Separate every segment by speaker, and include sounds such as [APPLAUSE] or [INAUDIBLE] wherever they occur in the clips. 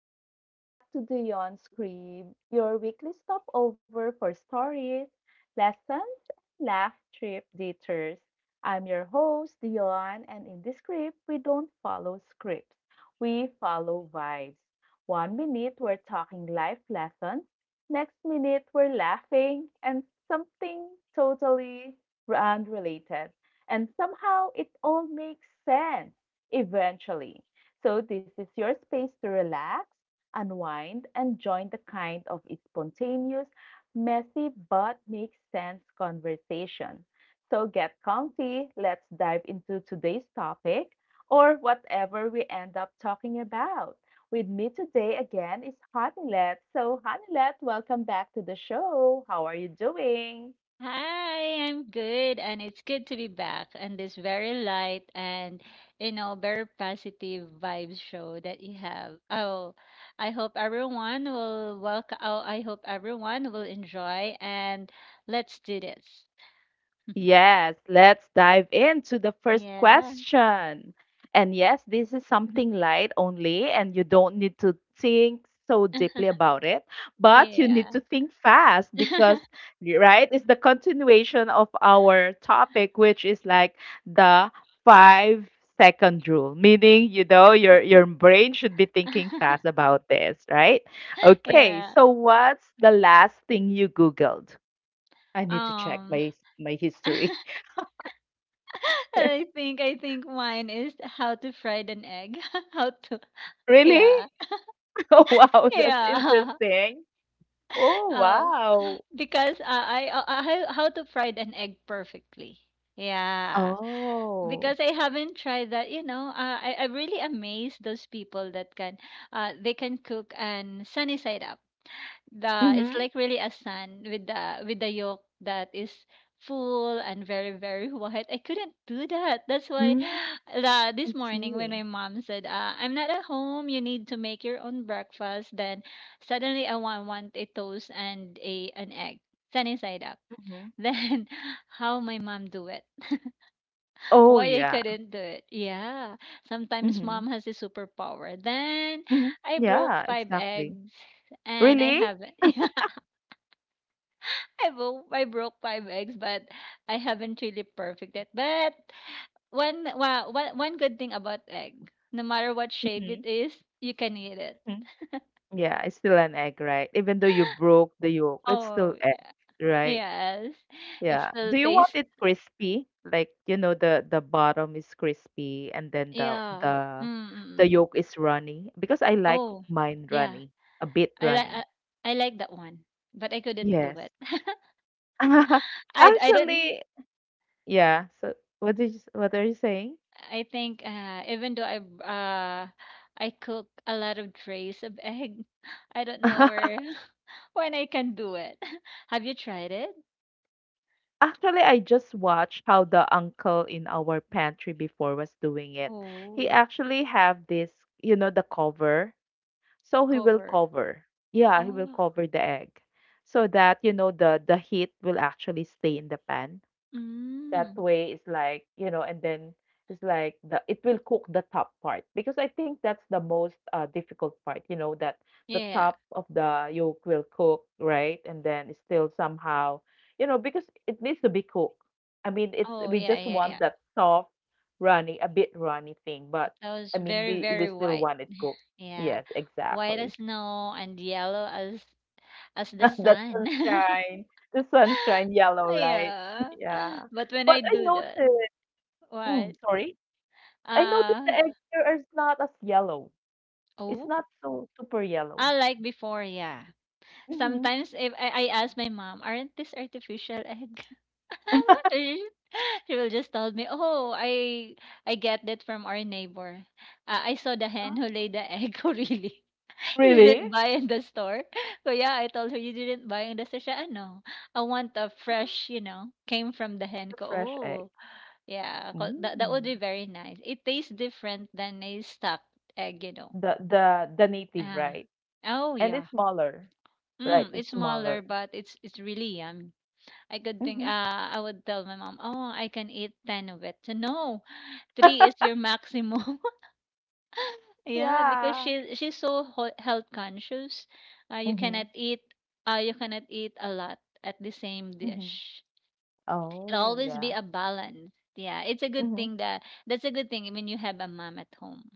Speaker 1: Welcome back to Beyond Scrib, your weekly stopover for stories, lessons, and laugh trip detours. I'm your host, Dion, and in this script, we don't follow scripts. We follow vibes. One minute, we're talking life lessons. Next minute, we're laughing and something totally unrelated. And somehow, it all makes sense eventually. So, this is your space to relax, unwind, and join the kind of spontaneous, messy, but makes sense conversation. So, get comfy. Let's dive into today's topic or whatever we end up talking about. With me today again is Hanilet. So, Hanilet, welcome back to the show. How are you doing?
Speaker 2: Hi, I'm good, and it's good to be back. And this very light and very positive vibes show that you have. Oh, I hope everyone will welcome. Oh, I hope everyone will enjoy, and let's do this.
Speaker 1: Yes, let's dive into the first
Speaker 2: Yeah,
Speaker 1: question. And yes, this is something
Speaker 2: [LAUGHS]
Speaker 1: light only, and you don't need to think so deeply about it, but you need
Speaker 2: yeah,
Speaker 1: to think fast because, right, it's the continuation of our topic, which is like the 5-second rule, meaning, your brain should be thinking fast
Speaker 2: [LAUGHS]
Speaker 1: about this, right? Okay,
Speaker 2: yeah.
Speaker 1: so what's the last thing you Googled? I need to check
Speaker 2: Um,
Speaker 1: my history.
Speaker 2: [LAUGHS]
Speaker 1: [LAUGHS]
Speaker 2: I think mine is how to fry an egg. [LAUGHS] How to,
Speaker 1: Really?
Speaker 2: yeah,
Speaker 1: [LAUGHS] Oh, wow, that's
Speaker 2: yeah.
Speaker 1: interesting. Oh,
Speaker 2: [LAUGHS] Oh.
Speaker 1: wow.
Speaker 2: Because I how to fry an egg perfectly. Yeah,
Speaker 1: Oh.
Speaker 2: because I haven't tried that. I really amaze those people that can, they can cook and sunny side up. The It's
Speaker 1: Mhm.
Speaker 2: like really a sun with the yolk that is full and very, very [LAUGHS] white. I couldn't do that. That's why
Speaker 1: Mm,
Speaker 2: [GASPS] [SIGHS]
Speaker 1: I
Speaker 2: this morning when
Speaker 1: see.
Speaker 2: my mom said, I'm not at home, you need to make your own breakfast, then suddenly I want a toast and a an egg, sunny side up. [LAUGHS]
Speaker 1: Mhm.
Speaker 2: Then how my mom do it?
Speaker 1: Oh,
Speaker 2: Why I
Speaker 1: yeah.
Speaker 2: couldn't do it? Yeah. Sometimes
Speaker 1: Mhm.
Speaker 2: mom has a superpower. Then
Speaker 1: Mhm.
Speaker 2: I broke
Speaker 1: Yeah,
Speaker 2: five
Speaker 1: exactly.
Speaker 2: eggs and I
Speaker 1: Really?
Speaker 2: haven't. [LAUGHS] I broke five eggs, but I haven't really perfect it. But one well, one one good thing about egg, no matter what shape
Speaker 1: Mhm,
Speaker 2: it is, you can eat it.
Speaker 1: mhm.
Speaker 2: [LAUGHS]
Speaker 1: Yeah, it's still an egg, right? Even though you broke the yolk, it's still
Speaker 2: Oh
Speaker 1: egg, right?
Speaker 2: yes, it
Speaker 1: Yeah.
Speaker 2: still
Speaker 1: Do you want
Speaker 2: tastes.
Speaker 1: it crispy? Like, you know, the bottom is crispy and then the
Speaker 2: Yeah.
Speaker 1: the
Speaker 2: Mm.
Speaker 1: yolk is runny because I like
Speaker 2: Oh
Speaker 1: mine
Speaker 2: yeah.
Speaker 1: runny, a bit
Speaker 2: I like
Speaker 1: runny.
Speaker 2: I like that one, but I couldn't do
Speaker 1: Yes.
Speaker 2: it. [LAUGHS]
Speaker 1: [LAUGHS]
Speaker 2: I didn't.
Speaker 1: Actually, yeah. So what did you, what are you saying?
Speaker 2: I think even though uh I cook a lot of trays of egg, [LAUGHS] I don't know
Speaker 1: [LAUGHS]
Speaker 2: where. When I can do it. [LAUGHS] Have you tried it?
Speaker 1: Actually, I just watched how the uncle in our pantry before was doing it. He
Speaker 2: Oh,
Speaker 1: actually have this, you know, the cover. So he will
Speaker 2: cover.
Speaker 1: cover. Yeah, he will
Speaker 2: Oh,
Speaker 1: cover the egg so that you know the heat will actually stay in the pan. That
Speaker 2: mm.
Speaker 1: way it's like, you know, and then it's like the it will cook the top part because I think that's the most difficult part, you know, that the
Speaker 2: Yeah.
Speaker 1: top of the yolk will cook, right? And then it's still somehow, you know, because it needs to be cooked. I mean, it's
Speaker 2: Oh,
Speaker 1: we
Speaker 2: yeah,
Speaker 1: just
Speaker 2: yeah,
Speaker 1: want
Speaker 2: yeah.
Speaker 1: that soft, runny, a bit runny thing, but
Speaker 2: That
Speaker 1: I
Speaker 2: was
Speaker 1: mean,
Speaker 2: very,
Speaker 1: we
Speaker 2: very
Speaker 1: still
Speaker 2: white.
Speaker 1: want it cooked.
Speaker 2: Yeah.
Speaker 1: Yes,
Speaker 2: White as
Speaker 1: exactly.
Speaker 2: snow and yellow as the
Speaker 1: [LAUGHS] The
Speaker 2: sun. [LAUGHS]
Speaker 1: sunshine, the sunshine yellow, right? [LAUGHS]
Speaker 2: Yeah.
Speaker 1: Yeah.
Speaker 2: [LAUGHS] But when I
Speaker 1: But I
Speaker 2: do that,
Speaker 1: noticed,
Speaker 2: what?
Speaker 1: sorry, I noticed
Speaker 2: Uh,
Speaker 1: the egg here is not as yellow. It's
Speaker 2: oh,
Speaker 1: not so super yellow.
Speaker 2: I like before, yeah.
Speaker 1: Mm-hmm.
Speaker 2: Sometimes if I ask my mom, aren't this artificial egg? [LAUGHS] she she will just tell me, "Oh, I get that from our neighbor. I saw the hen who
Speaker 1: Oh,
Speaker 2: laid the egg. [LAUGHS] Oh, really? You
Speaker 1: really?
Speaker 2: didn't buy in the store?" [LAUGHS] So yeah, I told her you didn't buy in the store. She, "Ah, no, I want a
Speaker 1: Oh,
Speaker 2: fresh, came from the hen."
Speaker 1: the
Speaker 2: Ko,
Speaker 1: fresh egg.
Speaker 2: oh, yeah, that would
Speaker 1: Mm.
Speaker 2: be very nice. It tastes different than a stuffed egg.
Speaker 1: The native,
Speaker 2: Ah,
Speaker 1: right?
Speaker 2: oh
Speaker 1: And
Speaker 2: yeah.
Speaker 1: it's smaller, right?
Speaker 2: Mm, it's
Speaker 1: It's
Speaker 2: smaller,
Speaker 1: smaller.
Speaker 2: but it's really yummy. I could think,
Speaker 1: Mm-hmm.
Speaker 2: I would tell my mom, oh, I can eat 10 of it. So, no, three is your maximum. [LAUGHS] Yeah, because
Speaker 1: Yeah.
Speaker 2: she's so health conscious. You cannot
Speaker 1: Mm-hmm.
Speaker 2: eat a lot at the same
Speaker 1: Mm-hmm.
Speaker 2: dish. It'll
Speaker 1: Oh,
Speaker 2: always be
Speaker 1: yeah.
Speaker 2: a balance. Yeah, it's a good
Speaker 1: Mm-hmm.
Speaker 2: thing that that's a good thing when you have a mom at home.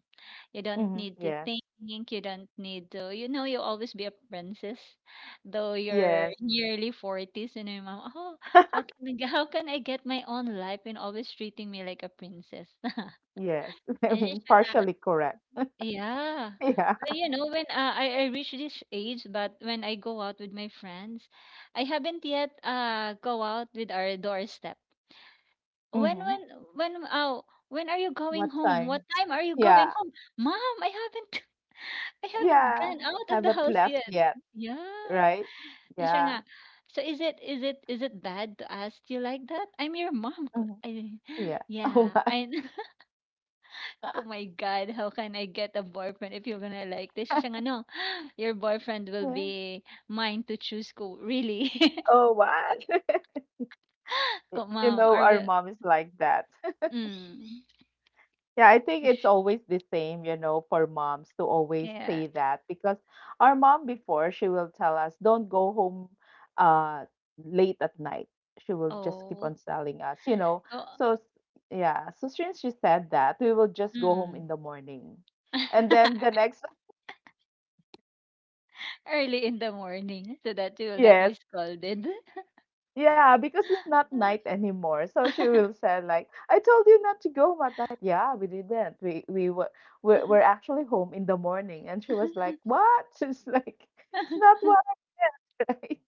Speaker 2: You don't
Speaker 1: Mm-hmm.
Speaker 2: need to
Speaker 1: Yes.
Speaker 2: think. You don't need to, you always be a princess. Though you're
Speaker 1: Yes.
Speaker 2: nearly 40s, you know, your mom, oh, how can I get my own life and always treating me like a princess? [LAUGHS]
Speaker 1: Yes. [LAUGHS] I
Speaker 2: And she's
Speaker 1: mean,
Speaker 2: like,
Speaker 1: partially correct.
Speaker 2: yeah.
Speaker 1: [LAUGHS] Yeah.
Speaker 2: But when I reach this age, but when I go out with my friends, I haven't yet go out with our doorstep. When,
Speaker 1: Mm-hmm.
Speaker 2: when, when, oh, when are you going
Speaker 1: What
Speaker 2: home? What
Speaker 1: time?
Speaker 2: time are you going
Speaker 1: Yeah.
Speaker 2: home? Mom, I haven't. I haven't
Speaker 1: Yeah.
Speaker 2: gone out of the
Speaker 1: Haven't
Speaker 2: house
Speaker 1: left
Speaker 2: yet.
Speaker 1: yet,
Speaker 2: Yeah.
Speaker 1: right?
Speaker 2: And siya nga,
Speaker 1: Yeah.
Speaker 2: so is it bad to ask you like that? I'm your mom.
Speaker 1: Mm-hmm.
Speaker 2: I, [GASPS]
Speaker 1: Yeah. [LAUGHS] Oh
Speaker 2: yeah.
Speaker 1: my.
Speaker 2: I, [LAUGHS] oh my God, how can I get a boyfriend if you're gonna like this? Siya nga, no, [GASPS] your boyfriend will
Speaker 1: Yeah.
Speaker 2: be mine to choose ko. Really? [LAUGHS]
Speaker 1: Oh my. [LAUGHS]
Speaker 2: Ko,
Speaker 1: You
Speaker 2: mom,
Speaker 1: know,
Speaker 2: are
Speaker 1: our
Speaker 2: we,
Speaker 1: mom is like that.
Speaker 2: mm,
Speaker 1: Yeah, I think it's
Speaker 2: [LAUGHS]
Speaker 1: always the same, you know, for moms to always
Speaker 2: yeah.
Speaker 1: say that because our mom before she will tell us, don't go home uh late at night. She will just keep
Speaker 2: Oh.
Speaker 1: on telling us, you know.
Speaker 2: Oh.
Speaker 1: So yeah, so since she said that, we will just go home
Speaker 2: Mm.
Speaker 1: in the morning. And then
Speaker 2: [LAUGHS]
Speaker 1: the next
Speaker 2: Early in the morning so that you
Speaker 1: [LAUGHS]
Speaker 2: will not
Speaker 1: yes,
Speaker 2: be scolded.
Speaker 1: yeah, because it's not night anymore. So she will say like, "I told you not to go at night." Yeah, we didn't. We were we're actually home in the morning, and she was
Speaker 2: [LAUGHS]
Speaker 1: like, "What?" [LAUGHS] She's like, "It's not
Speaker 2: [LAUGHS]
Speaker 1: what." [LAUGHS] Right?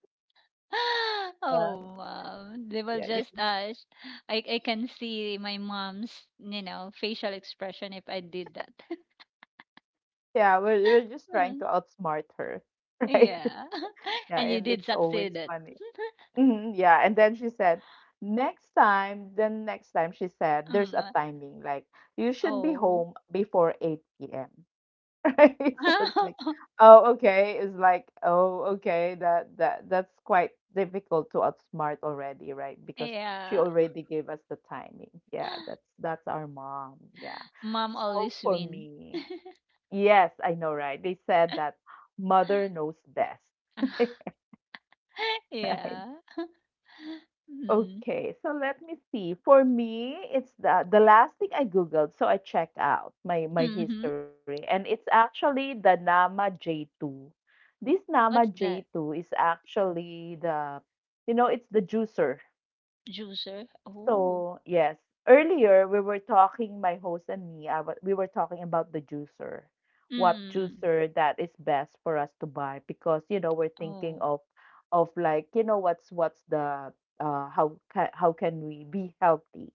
Speaker 1: Yeah,
Speaker 2: Oh, mom. They will
Speaker 1: yeah,
Speaker 2: just
Speaker 1: yeah.
Speaker 2: I can see my mom's, facial expression if I did that. [LAUGHS]
Speaker 1: Yeah, we're just trying
Speaker 2: Mm,
Speaker 1: to outsmart her, [LAUGHS] right?
Speaker 2: yeah. [LAUGHS]
Speaker 1: Yeah,
Speaker 2: And you
Speaker 1: and
Speaker 2: did
Speaker 1: it's always
Speaker 2: succeed it.
Speaker 1: funny. Hmm, yeah, and then she said, "Next time." Then next time she
Speaker 2: [LAUGHS]
Speaker 1: said, "There's a
Speaker 2: Mm,
Speaker 1: timing. Like you should be
Speaker 2: oh.
Speaker 1: home before 8 p.m." [LAUGHS] Right? So it's like,
Speaker 2: [LAUGHS]
Speaker 1: oh, okay. It's like, oh, okay. That's quite difficult to outsmart already, right? Because she
Speaker 2: Yeah.
Speaker 1: already gave us the timing. Yeah, that's our mom. Yeah.
Speaker 2: Mom
Speaker 1: So
Speaker 2: always
Speaker 1: for
Speaker 2: win.
Speaker 1: me,
Speaker 2: [LAUGHS]
Speaker 1: yes, I know, right? They said that mother knows best.
Speaker 2: Ah,
Speaker 1: [LAUGHS] Right?
Speaker 2: yeah. [LAUGHS] Mm.
Speaker 1: Okay, so let me see. For me, it's the last thing I googled, so I checked out my
Speaker 2: Mhm.
Speaker 1: history, and it's actually the Nama J2. This Nama
Speaker 2: What's that?
Speaker 1: J2 is actually the, you know, it's the juicer.
Speaker 2: Juicer. Oh.
Speaker 1: So, yes, earlier we were talking, my host and me, we were talking about the juicer, what
Speaker 2: Mm.
Speaker 1: juicer that is best for us to buy because you know we're thinking
Speaker 2: Oh.
Speaker 1: of like you know what's the how how can we be healthy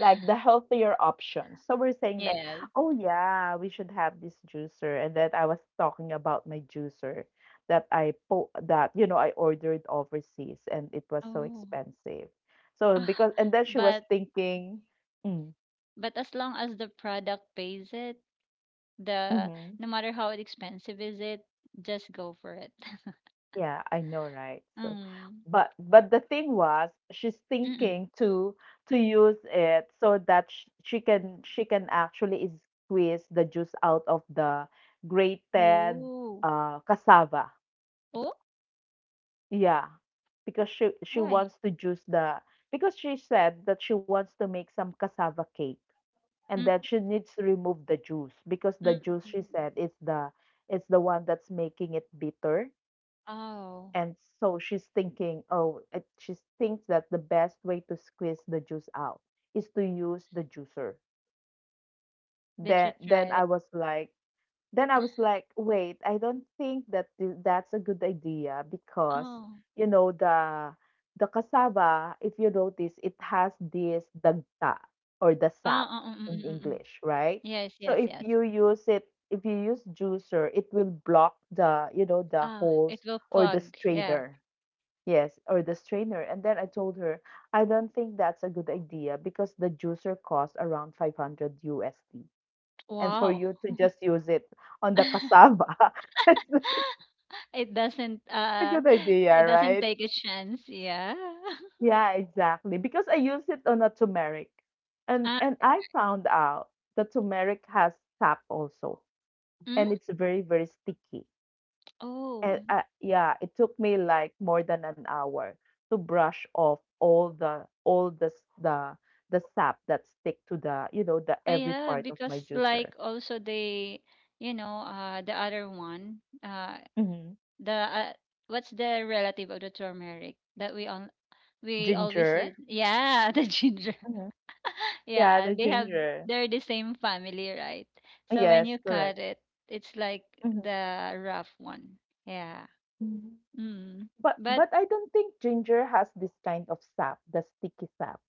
Speaker 1: like the healthier options. So we're saying like,
Speaker 2: Yeah.
Speaker 1: oh yeah, we should have this juicer. And then I was talking about my juicer that that you know I ordered overseas and it was so
Speaker 2: Oh.
Speaker 1: expensive. So
Speaker 2: Ah,
Speaker 1: because and then she was
Speaker 2: but
Speaker 1: thinking, mm,
Speaker 2: but as long as the product pays it, the
Speaker 1: hmm.
Speaker 2: no matter how expensive is it, just go for it. [LAUGHS]
Speaker 1: Yeah, I know, right? So,
Speaker 2: Mm.
Speaker 1: but the thing was, she's
Speaker 2: Mm-mm.
Speaker 1: thinking to use it so that she can actually squeeze the juice out of the grated
Speaker 2: Oh.
Speaker 1: cassava.
Speaker 2: Oh,
Speaker 1: Yeah, because she
Speaker 2: why?
Speaker 1: wants to juice the because she said that she wants to make some cassava cake and
Speaker 2: Mm,
Speaker 1: then she needs to remove the juice because
Speaker 2: mm,
Speaker 1: the
Speaker 2: mm,
Speaker 1: juice
Speaker 2: mm,
Speaker 1: she
Speaker 2: mm,
Speaker 1: said
Speaker 2: mm.
Speaker 1: is the it's the one that's making it bitter.
Speaker 2: Oh,
Speaker 1: And so she's thinking, oh, it, she thinks that the best way to squeeze the juice out is to use the juicer.
Speaker 2: did you
Speaker 1: Then,
Speaker 2: try
Speaker 1: then I
Speaker 2: it?
Speaker 1: was like, then I was like, wait, I don't think that that's a good idea because
Speaker 2: Oh.
Speaker 1: you know the cassava, if you notice, it has this dagta or the sap
Speaker 2: Ah, ah, mm, mm,
Speaker 1: in
Speaker 2: mm, mm, mm.
Speaker 1: English, right?
Speaker 2: Yes,
Speaker 1: So
Speaker 2: yes,
Speaker 1: if
Speaker 2: yes.
Speaker 1: you use it, if you use juicer, it will block the you know the
Speaker 2: Ah,
Speaker 1: holes
Speaker 2: it will
Speaker 1: or the
Speaker 2: clog. Yeah.
Speaker 1: strainer. Yes, or the strainer. And then I told her, I don't think that's a good idea because the juicer costs around 500 USD. And for
Speaker 2: Wow.
Speaker 1: you to just use it on the
Speaker 2: [LAUGHS]
Speaker 1: cassava, [LAUGHS] it's not
Speaker 2: It doesn't
Speaker 1: a good
Speaker 2: [LAUGHS]
Speaker 1: idea,
Speaker 2: it doesn't
Speaker 1: right?
Speaker 2: take a chance. Yeah. [LAUGHS]
Speaker 1: Yeah, exactly. Because I used it on a turmeric. And
Speaker 2: Ah,
Speaker 1: and I found out the turmeric has sap also,
Speaker 2: mm?
Speaker 1: and it's very, very sticky. And,
Speaker 2: Oh,
Speaker 1: yeah, it took me like more than an hour to brush off all the sap that stick to the you know the every
Speaker 2: Yeah,
Speaker 1: part of my
Speaker 2: because
Speaker 1: juicer.
Speaker 2: like also they, the other one,
Speaker 1: Mm-hmm.
Speaker 2: the what's the relative of the turmeric that we always
Speaker 1: Ginger,
Speaker 2: use? Yeah, [LAUGHS] the ginger.
Speaker 1: mm-hmm. Yeah, the
Speaker 2: Yeah, they have
Speaker 1: ginger.
Speaker 2: they're the same family, right? So when
Speaker 1: Yes,
Speaker 2: you
Speaker 1: correct.
Speaker 2: cut it, it's like
Speaker 1: Mm-hmm.
Speaker 2: the rough one. Yeah. Mm.
Speaker 1: But
Speaker 2: But
Speaker 1: but I don't think ginger has this kind of sap, the sticky sap.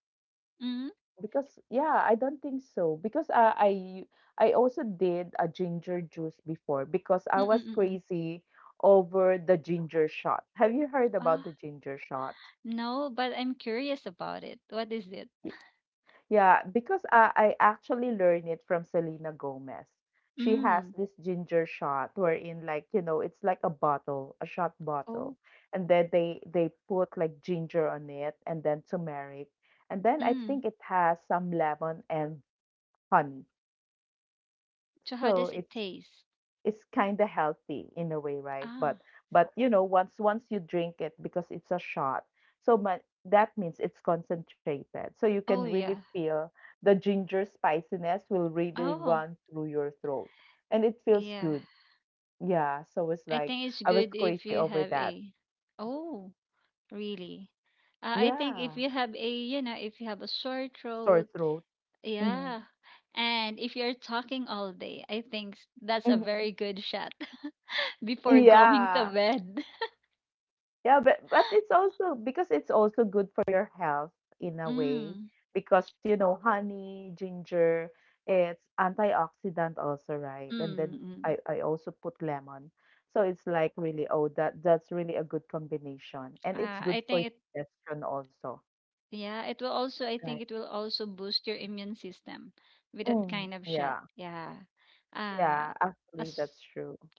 Speaker 2: mm, mm,
Speaker 1: Because yeah, I don't think so. Because I also did a ginger juice before because
Speaker 2: mm,
Speaker 1: I was
Speaker 2: mm, mm.
Speaker 1: crazy over the ginger shot. Have you heard about
Speaker 2: Ah,
Speaker 1: the ginger shot?
Speaker 2: no, but I'm curious about it. What is it?
Speaker 1: Y- Yeah, because I actually learned it from Selena Gomez. She has
Speaker 2: Mm.
Speaker 1: this ginger shot wherein like, you know, it's like a bottle, a shot
Speaker 2: Oh.
Speaker 1: bottle. And then they put like ginger on it and then turmeric. And then I
Speaker 2: Mm.
Speaker 1: think it has some lemon and honey.
Speaker 2: So how
Speaker 1: So
Speaker 2: does it taste?
Speaker 1: it's kind of healthy in a way, right?
Speaker 2: Ah,
Speaker 1: But you know, once once you drink it because it's a shot, so but that means it's concentrated. So you can
Speaker 2: oh
Speaker 1: really
Speaker 2: yeah.
Speaker 1: feel the ginger spiciness will really
Speaker 2: Oh,
Speaker 1: run through your throat, and it feels
Speaker 2: yeah.
Speaker 1: good. Yeah, so it's
Speaker 2: I
Speaker 1: like
Speaker 2: think it's
Speaker 1: I was
Speaker 2: good if
Speaker 1: crazy
Speaker 2: you
Speaker 1: over
Speaker 2: have
Speaker 1: that.
Speaker 2: a. Oh, really? I think if
Speaker 1: Yeah,
Speaker 2: you have a, if you have a sore
Speaker 1: sore
Speaker 2: throat,
Speaker 1: throat. Mm-hmm.
Speaker 2: yeah. And if you're talking all day, I think that's a
Speaker 1: Mm-hmm.
Speaker 2: very good shot [LAUGHS] before going to
Speaker 1: Yeah.
Speaker 2: bed. [LAUGHS]
Speaker 1: Yeah, but it's also because it's also good for your health in a way
Speaker 2: Mm,
Speaker 1: because you know honey, ginger, it's antioxidant also, right? And then
Speaker 2: mm, mm.
Speaker 1: I also put lemon. So it's like really oh that that's really a good combination and it's
Speaker 2: I
Speaker 1: good for
Speaker 2: think it,
Speaker 1: digestion also,
Speaker 2: yeah, it will also, I think
Speaker 1: right?
Speaker 2: it will also boost your immune system with that kind
Speaker 1: Mm,
Speaker 2: of shot.
Speaker 1: yeah.
Speaker 2: Yeah. Uh,
Speaker 1: Yeah,
Speaker 2: as
Speaker 1: actually that's true.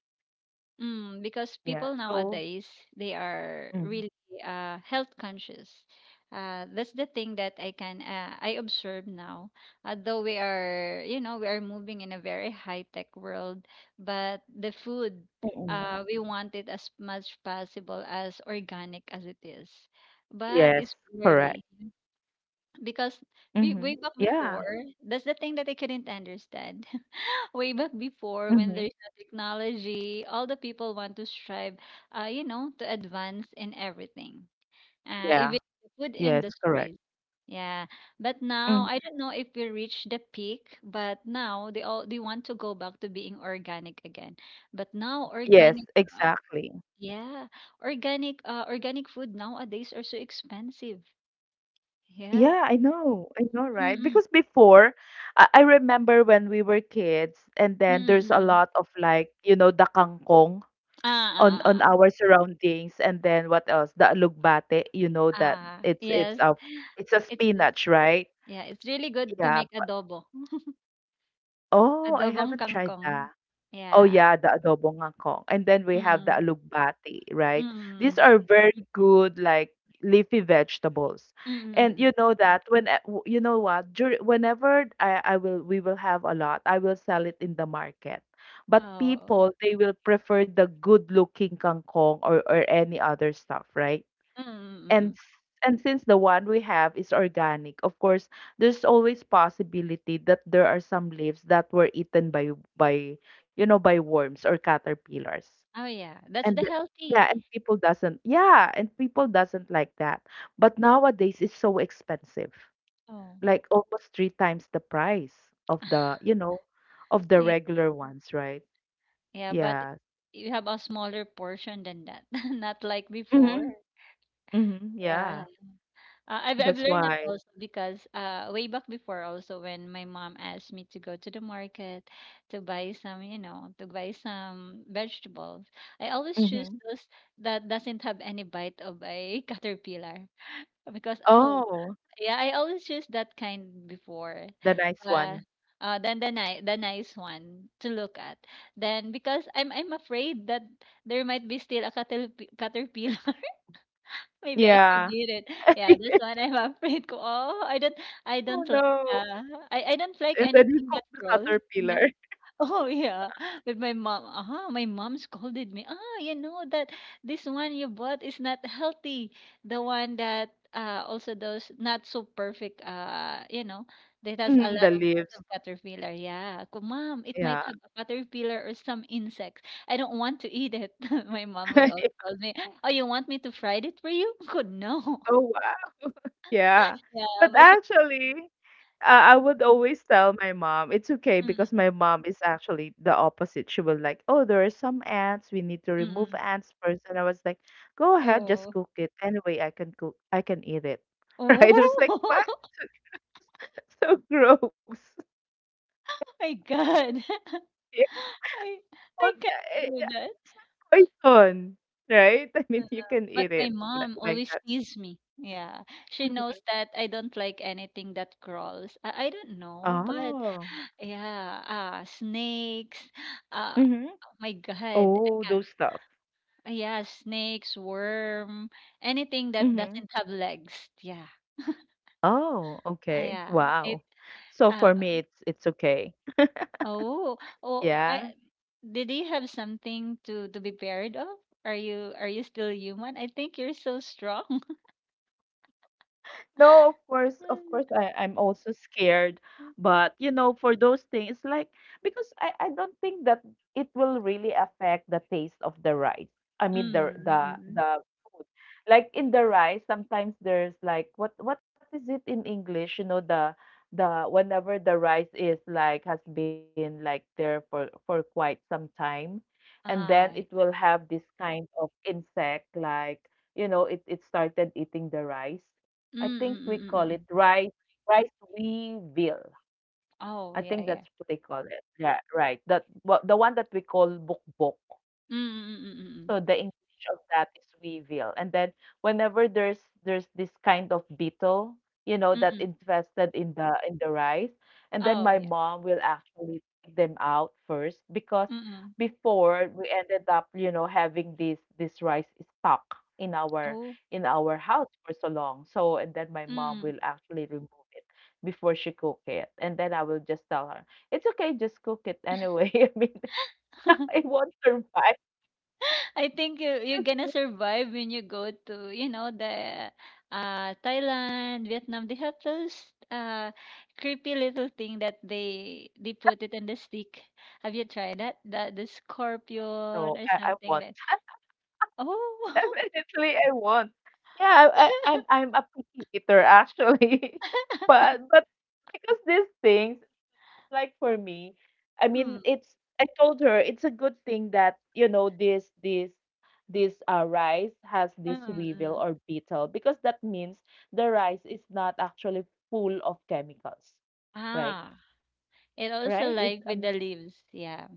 Speaker 2: Mm, because people
Speaker 1: Yeah. So
Speaker 2: nowadays they are really
Speaker 1: mhm.
Speaker 2: health conscious. That's the thing that I observe now. Although we are moving in a very high-tech world, but the food,
Speaker 1: Mm-mm.
Speaker 2: we want it as much possible as organic as it is. But it's
Speaker 1: Yes,
Speaker 2: rarely
Speaker 1: correct.
Speaker 2: because we
Speaker 1: Mhm.
Speaker 2: way back before,
Speaker 1: Yeah.
Speaker 2: that's the thing that I couldn't understand way back before when
Speaker 1: Mhm.
Speaker 2: there's no technology, all the people want to strive, to advance in everything,
Speaker 1: Yeah.
Speaker 2: even the food
Speaker 1: Yes, correct.
Speaker 2: industries. Yeah, but now I don't know if we reach the peak, but now they want to go back to being organic again. But now
Speaker 1: Yes,
Speaker 2: organic, uh,
Speaker 1: exactly.
Speaker 2: yeah, organic food nowadays are so expensive. Yeah.
Speaker 1: Yeah, I know. I know, right?
Speaker 2: Mm-mm,
Speaker 1: Because before, I remember when we were kids, and then
Speaker 2: mm-mm,
Speaker 1: there's a
Speaker 2: mm-mm.
Speaker 1: lot of like, you know, the kangkong
Speaker 2: Ah,
Speaker 1: on
Speaker 2: ah, ah,
Speaker 1: our surroundings, and then what else? The alugbate, you know that
Speaker 2: ah, ah,
Speaker 1: it's it's
Speaker 2: yes.
Speaker 1: a it's a
Speaker 2: It's
Speaker 1: spinach, right?
Speaker 2: Yeah, it's really good to
Speaker 1: Yeah,
Speaker 2: make
Speaker 1: but
Speaker 2: adobo,
Speaker 1: oh, I
Speaker 2: adobong
Speaker 1: haven't tried
Speaker 2: kangkong.
Speaker 1: that. Oh
Speaker 2: Yeah,
Speaker 1: yeah, the adobo ngangkong. And then we have the
Speaker 2: mm,
Speaker 1: alugbati,
Speaker 2: mm,
Speaker 1: right? These
Speaker 2: mm,
Speaker 1: are very good like leafy vegetables.
Speaker 2: mm, mm,
Speaker 1: And you
Speaker 2: mm.
Speaker 1: know that when you know what, dur whenever I will we will have a lot, I will sell it in the market. But
Speaker 2: Oh,
Speaker 1: people, they will prefer the good looking kangkong or any other stuff, right?
Speaker 2: mm, mm, mm,
Speaker 1: And
Speaker 2: mm.
Speaker 1: and since the one we have is organic of course there's always possibility that there are some leaves that were eaten by you know by worms or caterpillars.
Speaker 2: Oh yeah, that's
Speaker 1: and
Speaker 2: the
Speaker 1: th-
Speaker 2: healthy.
Speaker 1: yeah and people doesn't like that but nowadays it's so expensive
Speaker 2: Oh,
Speaker 1: like almost 3 times the price of the
Speaker 2: [LAUGHS]
Speaker 1: you know of the
Speaker 2: yeah,
Speaker 1: regular ones, right?
Speaker 2: yeah, but
Speaker 1: Yeah,
Speaker 2: you have a smaller portion than that, [LAUGHS] not like before.
Speaker 1: mm-hmm. Mm-hmm. Yeah,
Speaker 2: Yeah. I've
Speaker 1: that's
Speaker 2: learned it
Speaker 1: why
Speaker 2: also because way back before also when my mom asked me to go to the market to buy some vegetables, I always choose
Speaker 1: mm-hmm.
Speaker 2: those that doesn't have any bite of a [LAUGHS] caterpillar because oh
Speaker 1: Oh,
Speaker 2: yeah, I always choose that kind before.
Speaker 1: the nice one.
Speaker 2: But then the nice one to look at. Then because I'm afraid that there might be still a caterpillar. Maybe I could
Speaker 1: Yeah.
Speaker 2: eat it. Yeah, this
Speaker 1: [LAUGHS]
Speaker 2: one I'm [LAUGHS] afraid. Oh, I don't, I
Speaker 1: Oh,
Speaker 2: don't like.
Speaker 1: no.
Speaker 2: Uh, I don't like
Speaker 1: And then we
Speaker 2: anything that
Speaker 1: cook the
Speaker 2: crawls. Yeah.
Speaker 1: caterpillar. [LAUGHS]
Speaker 2: Oh yeah, with my mom. Aha, my mom scolded me. Ah, you know that this one you bought is not healthy. The one that also those not so perfect that has a
Speaker 1: Mhm,
Speaker 2: lot
Speaker 1: the
Speaker 2: of bites
Speaker 1: leaves.
Speaker 2: of caterpillar. Yeah, Ko, mom, it might
Speaker 1: Yeah.
Speaker 2: have a caterpillar or some insects. I don't want to eat it. [LAUGHS] My mom would also
Speaker 1: [LAUGHS]
Speaker 2: tell me, "Oh, you want me to fry it for you?" [LAUGHS] Good, no.
Speaker 1: Oh, wow. Yeah.
Speaker 2: Yeah,
Speaker 1: But
Speaker 2: but she.
Speaker 1: actually, uh, I would always tell my mom it's okay because
Speaker 2: Mm,
Speaker 1: my mom is actually the opposite. She will like, oh, there are some ants. We need to
Speaker 2: mm,
Speaker 1: remove
Speaker 2: mm.
Speaker 1: ants first. And I was like, go ahead, just
Speaker 2: Oh,
Speaker 1: cook it. Anyway, I can cook. I can eat it. [LAUGHS] Right? I was like, what?
Speaker 2: oh. [LAUGHS]
Speaker 1: [LAUGHS] So gross. [LAUGHS]
Speaker 2: My God. [LAUGHS] I
Speaker 1: Yeah.
Speaker 2: I can't do
Speaker 1: Yeah,
Speaker 2: that.
Speaker 1: it's not poison, right? [LAUGHS] I
Speaker 2: Uh,
Speaker 1: mean, you can
Speaker 2: But
Speaker 1: eat
Speaker 2: my
Speaker 1: it
Speaker 2: mom
Speaker 1: like.
Speaker 2: always teases me. Yeah. She knows
Speaker 1: Mhm.
Speaker 2: that I don't like anything that crawls. I don't know, but
Speaker 1: Oh.
Speaker 2: yeah, snakes, uh
Speaker 1: Mhm.
Speaker 2: oh my God. I
Speaker 1: Oh,
Speaker 2: can't
Speaker 1: those stuff.
Speaker 2: yeah, snakes, worm, anything that
Speaker 1: Mhm.
Speaker 2: doesn't have legs. Yeah.
Speaker 1: Oh, okay.
Speaker 2: Yeah. It
Speaker 1: Wow. So
Speaker 2: uh
Speaker 1: for me, it's okay.
Speaker 2: Oh, oh,
Speaker 1: Yeah.
Speaker 2: I did you have something to be paired of? Are you still human? I think you're so strong.
Speaker 1: No,
Speaker 2: [LAUGHS]
Speaker 1: of course, I'm also scared. But you know, for those things, like because I don't think that it will really affect the taste of the rice. I
Speaker 2: Mm,
Speaker 1: mean the the
Speaker 2: mm, mm,
Speaker 1: the food. Like in the rice, sometimes there's like what is it in English? You know, the whenever the rice is like has been like there for quite some time, and then it
Speaker 2: ah,
Speaker 1: will have this kind of insect like, you know, it started eating the rice. I
Speaker 2: mm,
Speaker 1: think we
Speaker 2: mm, mm,
Speaker 1: call
Speaker 2: mm,
Speaker 1: it
Speaker 2: mm, mm.
Speaker 1: rice weevil. I
Speaker 2: Oh,
Speaker 1: think
Speaker 2: yeah,
Speaker 1: that's
Speaker 2: yeah.
Speaker 1: what they call it. Yeah, right. That wha the one that we call bukbok.
Speaker 2: Mm, mm, mm, mm,
Speaker 1: So the
Speaker 2: mm,
Speaker 1: English of that is weevil. And then whenever there's this kind of beetle, you know,
Speaker 2: mm,
Speaker 1: that
Speaker 2: mm, mm.
Speaker 1: infested in the rice, and then my
Speaker 2: Oh, yeah.
Speaker 1: mom will actually take them out first because
Speaker 2: Mm, mm.
Speaker 1: before we ended up, you know, having this rice stuck in our
Speaker 2: Oh,
Speaker 1: in our house for so long. So and then my mom
Speaker 2: mm.
Speaker 1: will actually remove it before she cook it. And then I will just tell her, it's okay, just cook it anyway. [LAUGHS] I mean, [LAUGHS]
Speaker 2: [LAUGHS]
Speaker 1: it won't survive.
Speaker 2: I think you're gonna survive when you go to the Thailand, Vietnam. They have those creepy little thing that they put it on the stick. Have you tried that? The
Speaker 1: No,
Speaker 2: scorpion or
Speaker 1: I
Speaker 2: something
Speaker 1: won't.
Speaker 2: like oh
Speaker 1: [LAUGHS] Definitely, I won't. Yeah, I'm a picky eater actually, [LAUGHS] but because these things, like for me, I mean, it's I told her it's a good thing that you know this rice has
Speaker 2: [LAUGHS] mm,
Speaker 1: this weevil
Speaker 2: mm,
Speaker 1: or beetle because that means the rice is not actually full of chemicals, right?
Speaker 2: ah. It also
Speaker 1: Right? It's
Speaker 2: like with the leaves, yeah.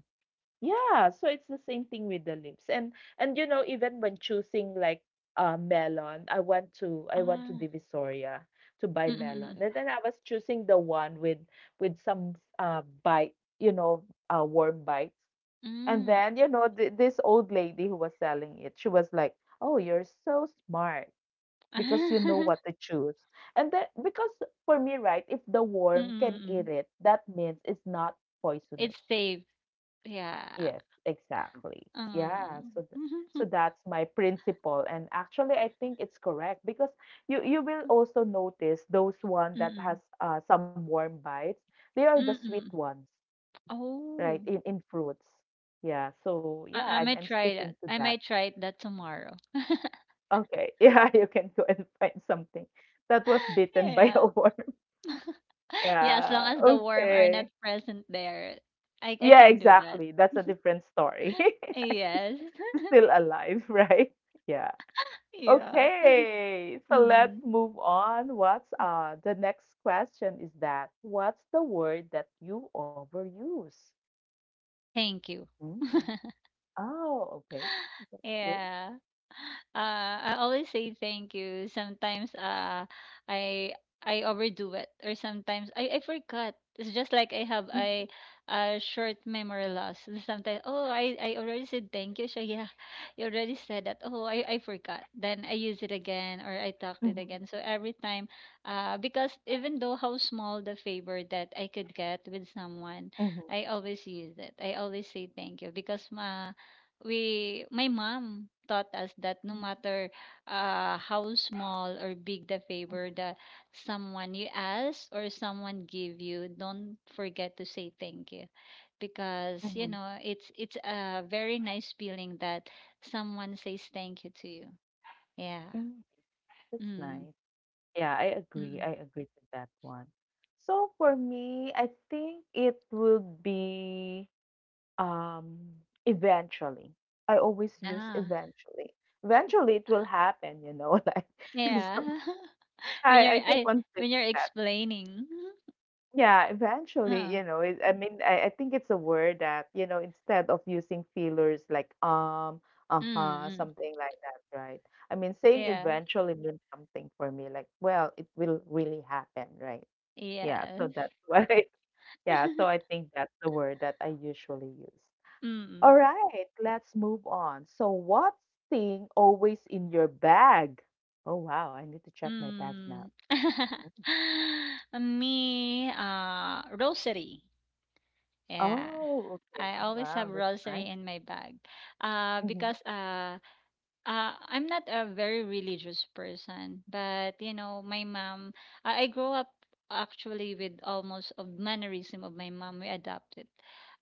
Speaker 1: yeah, so it's the same thing with the lips. And you know, even when choosing like melon, I want to I went to
Speaker 2: Ah,
Speaker 1: Divisoria to buy
Speaker 2: mm,
Speaker 1: melon.
Speaker 2: mm,
Speaker 1: And then I was choosing the one with some bite, you know, worm bites.
Speaker 2: mm,
Speaker 1: And
Speaker 2: mm.
Speaker 1: then, you know, th this old lady who was selling it, she was like, "Oh, you're so smart because you know
Speaker 2: [LAUGHS]
Speaker 1: what to choose." And then because for me, right, if the
Speaker 2: mm,
Speaker 1: worm
Speaker 2: mm,
Speaker 1: can eat
Speaker 2: mm.
Speaker 1: it, that means it's not
Speaker 2: It's
Speaker 1: poisonous.
Speaker 2: safe, yeah.
Speaker 1: Yes, exactly.
Speaker 2: Mm.
Speaker 1: Yeah, so
Speaker 2: [LAUGHS]
Speaker 1: so that's my principle and actually I think it's correct because you will also notice those one that
Speaker 2: Mm.
Speaker 1: has some warm bites, they are the sweet
Speaker 2: Mm.
Speaker 1: ones, right?
Speaker 2: Oh,
Speaker 1: In fruits. Yeah, so yeah,
Speaker 2: I might
Speaker 1: I'm
Speaker 2: try
Speaker 1: sticking
Speaker 2: that.
Speaker 1: to
Speaker 2: I
Speaker 1: that.
Speaker 2: might try that tomorrow.
Speaker 1: Okay. [LAUGHS] Yeah, you can go and find something that was bitten by a
Speaker 2: Yeah.
Speaker 1: worm. [LAUGHS]
Speaker 2: [LAUGHS] Yeah, as long
Speaker 1: Yeah,
Speaker 2: as the worm are not
Speaker 1: okay.
Speaker 2: present there, I
Speaker 1: Yeah,
Speaker 2: can do that.
Speaker 1: exactly. That's a different story.
Speaker 2: Yes.
Speaker 1: [LAUGHS]
Speaker 2: [LAUGHS]
Speaker 1: Still alive, right? Yeah.
Speaker 2: Yeah.
Speaker 1: Okay, so let's
Speaker 2: Mm.
Speaker 1: move on. What's the next question is that what's the word that you overuse?
Speaker 2: Thank you. [LAUGHS]
Speaker 1: Mm. Oh, okay. That's good.
Speaker 2: Yeah. I always say thank you. Sometimes, I I overdo it, or sometimes I forgot. It's just like I have
Speaker 1: Mm-hmm.
Speaker 2: a short memory loss. Sometimes oh I already said thank you, so yeah, [LAUGHS] you already said that. Oh I forgot. Then I use it again or I talked it
Speaker 1: Mm-hmm.
Speaker 2: again. So every time, because even though how small the favor that I could get with someone,
Speaker 1: Mm-hmm.
Speaker 2: I always use it. I always say thank you because ma we my mom taught us that no matter how small or big the favor that someone you ask or someone give you don't forget to say thank you because you
Speaker 1: Mm-hmm.
Speaker 2: know it's a very nice feeling that someone says thank you to you. Yeah.
Speaker 1: Hmm. That's
Speaker 2: Mm,
Speaker 1: nice. Yeah, I agree.
Speaker 2: mm,
Speaker 1: I agree to that one. So for me, I think it would be Um, eventually. I always use
Speaker 2: ah,
Speaker 1: eventually. Eventually it will happen, you know, [LAUGHS] like some
Speaker 2: yeah. [LAUGHS] when you're
Speaker 1: I keep
Speaker 2: i
Speaker 1: on saying
Speaker 2: when you're
Speaker 1: that.
Speaker 2: explaining. [LAUGHS]
Speaker 1: Yeah,
Speaker 2: uh,
Speaker 1: eventually, you know, I mean, I think it's a word that, you know, instead of using feelers like
Speaker 2: mm,
Speaker 1: uh-huh,
Speaker 2: mm,
Speaker 1: something like that, right? I mean, saying
Speaker 2: yeah,
Speaker 1: eventually means something for me, like, well, it will really happen, right? Yeah, so
Speaker 2: yes.
Speaker 1: that's [LAUGHS] what I, yeah, so I
Speaker 2: [LAUGHS]
Speaker 1: think that's the word that I usually use. All
Speaker 2: Mm.
Speaker 1: right, let's move on. So, what's thing always in your bag? Oh, wow, I need to check my bag now.
Speaker 2: Mm. [LAUGHS]
Speaker 1: Mhm.
Speaker 2: Me, rosary. Yeah,
Speaker 1: Oh, okay.
Speaker 2: I always
Speaker 1: Wow,
Speaker 2: have
Speaker 1: that's nice.
Speaker 2: rosary in my bag.
Speaker 1: Mm-hmm.
Speaker 2: Because I'm not a very religious person, but you know, my mom, I grew up actually with almost a mannerism of my mom. We adopted.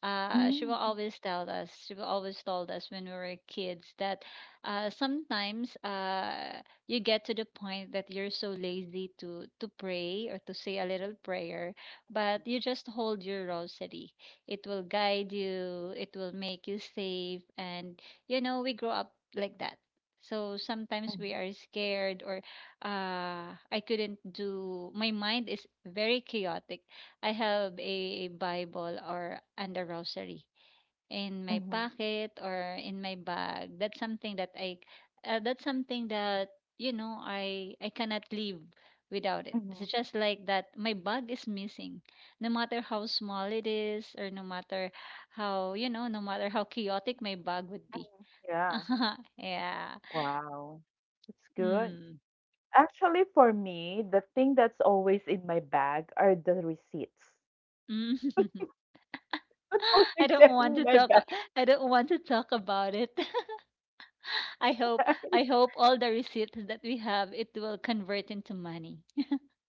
Speaker 2: She will
Speaker 1: Mm-hmm.
Speaker 2: always tell us, she will always told us when we were kids that sometimes you get to the point that you're so lazy to pray or to say a little prayer, but you just hold your rosary. It will guide you, it will make you safe, and you know, we grow up like that. So sometimes we are scared or I couldn't do, my mind is very chaotic. I have a Bible or and a rosary in my
Speaker 1: Mm-hmm.
Speaker 2: pocket or in my bag. That's something that I that's something that you know I cannot live without it. It's
Speaker 1: Hmm.
Speaker 2: just like that my bag is missing. No matter how small it is or no matter how, you know, no matter how chaotic my bag would be. [LAUGHS]
Speaker 1: Yeah.
Speaker 2: Yeah.
Speaker 1: Wow. That's good.
Speaker 2: Mm.
Speaker 1: Actually, for me, the thing that's always in my bag are the receipts.
Speaker 2: Mm. [LAUGHS]
Speaker 1: [LAUGHS] Not
Speaker 2: I
Speaker 1: pushing
Speaker 2: don't
Speaker 1: them
Speaker 2: want
Speaker 1: in
Speaker 2: to
Speaker 1: my
Speaker 2: talk
Speaker 1: bag.
Speaker 2: I I don't want to talk about it. [LAUGHS] I hope all the receipts that we have it will convert into money.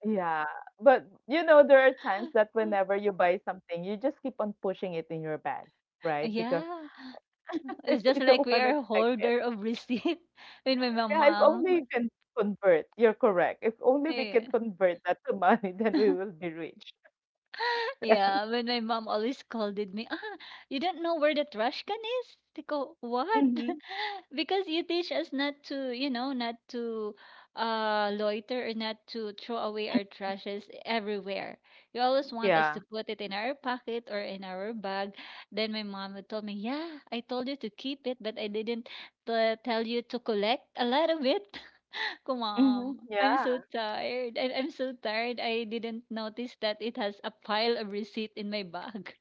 Speaker 1: Yeah, but you know, there are times that
Speaker 2: [LAUGHS]
Speaker 1: whenever you buy something, you just keep on pushing it in your bag, right? Because
Speaker 2: Yeah, it's
Speaker 1: [LAUGHS]
Speaker 2: just
Speaker 1: you
Speaker 2: like
Speaker 1: don't
Speaker 2: we
Speaker 1: want to
Speaker 2: are
Speaker 1: check it.
Speaker 2: holder of receipt [LAUGHS] with my
Speaker 1: Yeah, if only you
Speaker 2: mom.
Speaker 1: can convert. You're correct. If only we can
Speaker 2: Yeah.
Speaker 1: convert that to money, [LAUGHS] then we will be rich.
Speaker 2: Yeah,
Speaker 1: [LAUGHS]
Speaker 2: when my mom always scolded me, ah, you don't know where the trash can is? They go, what?
Speaker 1: Mm-hmm.
Speaker 2: [LAUGHS] because you teach us not to, you know, not to loiter or not to throw away our trashes everywhere. You always want us to
Speaker 1: Yeah.
Speaker 2: put it in our pocket or in our bag. Then my mom would tell me, yeah, I told you to keep it, but I didn't t- tell you to collect a lot of it ko,
Speaker 1: Mm-hmm.
Speaker 2: ma'am. I'm
Speaker 1: Yeah.
Speaker 2: so tired. I'm so tired. I didn't notice that it has a pile of receipt in my bag.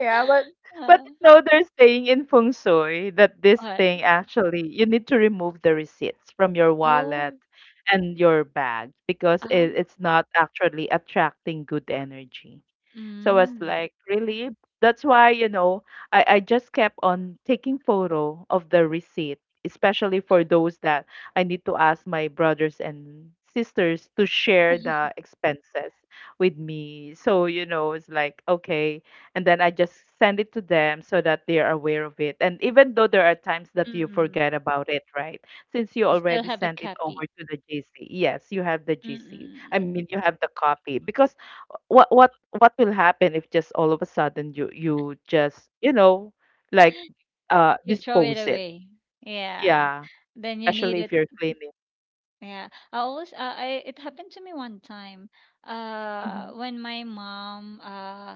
Speaker 1: Yeah, but
Speaker 2: Uh,
Speaker 1: you know they're saying in feng shui that this
Speaker 2: what?
Speaker 1: thing actually you need to remove the receipts from your wallet
Speaker 2: Oh,
Speaker 1: and your bag because
Speaker 2: ah,
Speaker 1: it's not actually attracting good energy. So I was
Speaker 2: mm,
Speaker 1: like, really? That's why, you know, I just kept on taking photo of the receipt, especially for those that I need to ask my brothers and sisters to share the expenses with me. So, you know, it's like, okay. And then I just send it to them so that they are aware of it. And even though there are times that you
Speaker 2: mm.
Speaker 1: forget about it, right? Since you
Speaker 2: You still
Speaker 1: already
Speaker 2: have a
Speaker 1: sent it over
Speaker 2: copy.
Speaker 1: to the GC. Yes, you have the GC. I
Speaker 2: Mm-mm.
Speaker 1: mean, you have the copy because what what will happen if just all of a sudden you just, you know, like
Speaker 2: You throw it
Speaker 1: dispose it,
Speaker 2: away. Yeah.
Speaker 1: yeah,
Speaker 2: Then you need
Speaker 1: especially if
Speaker 2: it.
Speaker 1: you're cleaning.
Speaker 2: Yeah. It happened to me one time.
Speaker 1: Hmm.
Speaker 2: When my mom,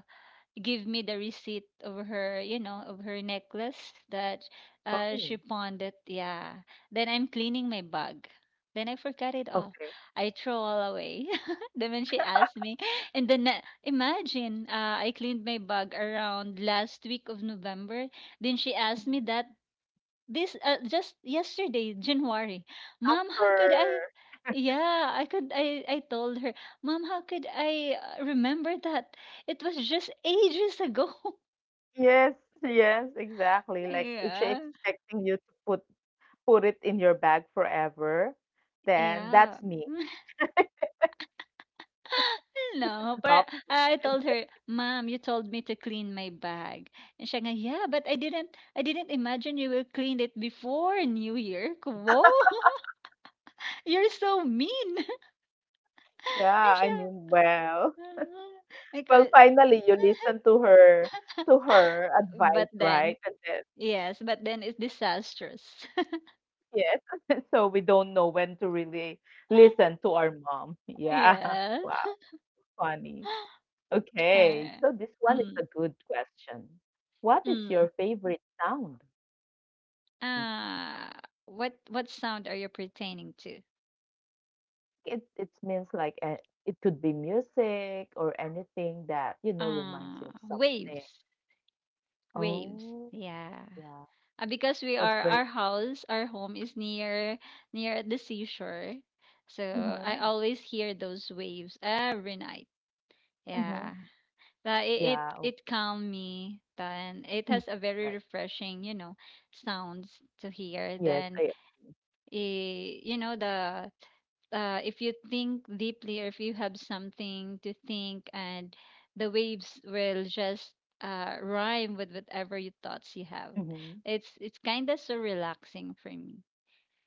Speaker 2: give me the receipt of her, you know, of her necklace that
Speaker 1: Oh,
Speaker 2: she pawned it. Yeah. Then I'm cleaning my bag. Then I forgot it all.
Speaker 1: okay.
Speaker 2: I throw all away. [LAUGHS] Then when she asked me, and then imagine, I cleaned my bag around last week of November. Then she asked me
Speaker 1: Mhm.
Speaker 2: that this just yesterday, January. Mom,
Speaker 1: After
Speaker 2: how could I? Yeah, I could. I told her, Mom, how could I remember that? It was just ages ago.
Speaker 1: yes, yes,
Speaker 2: [LAUGHS]
Speaker 1: exactly. Like is
Speaker 2: Yeah,
Speaker 1: she expecting you to put it in your bag forever? Then
Speaker 2: yeah.
Speaker 1: that's me.
Speaker 2: [LAUGHS]
Speaker 1: [LAUGHS] You can
Speaker 2: No, but
Speaker 1: adopt me.
Speaker 2: I
Speaker 1: And
Speaker 2: told
Speaker 1: then-
Speaker 2: her, "Mom, you told me to clean my bag." And siya nga, "Yeah, but I didn't imagine you will clean it before New Year." Ko, Whoa, [LAUGHS] you're so mean. [LAUGHS]
Speaker 1: [LAUGHS]
Speaker 2: And
Speaker 1: yeah, I
Speaker 2: siya,
Speaker 1: mean, well,
Speaker 2: [LAUGHS] like,
Speaker 1: [LAUGHS]
Speaker 2: uh,
Speaker 1: well, finally you listen to her
Speaker 2: [LAUGHS] But
Speaker 1: advice,
Speaker 2: then,
Speaker 1: right? And then
Speaker 2: yes, but then it's disastrous.
Speaker 1: yes, [LAUGHS] so we don't know when to really
Speaker 2: [LAUGHS]
Speaker 1: listen to our mom. Yeah. [LAUGHS]
Speaker 2: Yeah.
Speaker 1: Wow, funny. Okay,
Speaker 2: Uh,
Speaker 1: so this one is a
Speaker 2: mm,
Speaker 1: good question. What is
Speaker 2: mm.
Speaker 1: your favorite sound?
Speaker 2: Uh, what sound are you pertaining to?
Speaker 1: It means like it could be music or anything that, you know, reminds you of something.
Speaker 2: Waves. Waves.
Speaker 1: Oh,
Speaker 2: Yeah.
Speaker 1: yeah.
Speaker 2: Because we
Speaker 1: That's
Speaker 2: are
Speaker 1: very
Speaker 2: our house, our home is near near at the seashore. So I
Speaker 1: hmm
Speaker 2: always hear those waves every night. Yeah.
Speaker 1: hmm.
Speaker 2: It, it
Speaker 1: Yeah. Oh,
Speaker 2: it calmed me and it
Speaker 1: mm,
Speaker 2: has a very
Speaker 1: correct.
Speaker 2: refreshing, you know, sounds to hear.
Speaker 1: Yes,
Speaker 2: Then
Speaker 1: I
Speaker 2: eh, you know the if you think deeply or if you have something to think and the waves will just rhyme with whatever you thoughts you have.
Speaker 1: hmm.
Speaker 2: It's kind of so relaxing for me.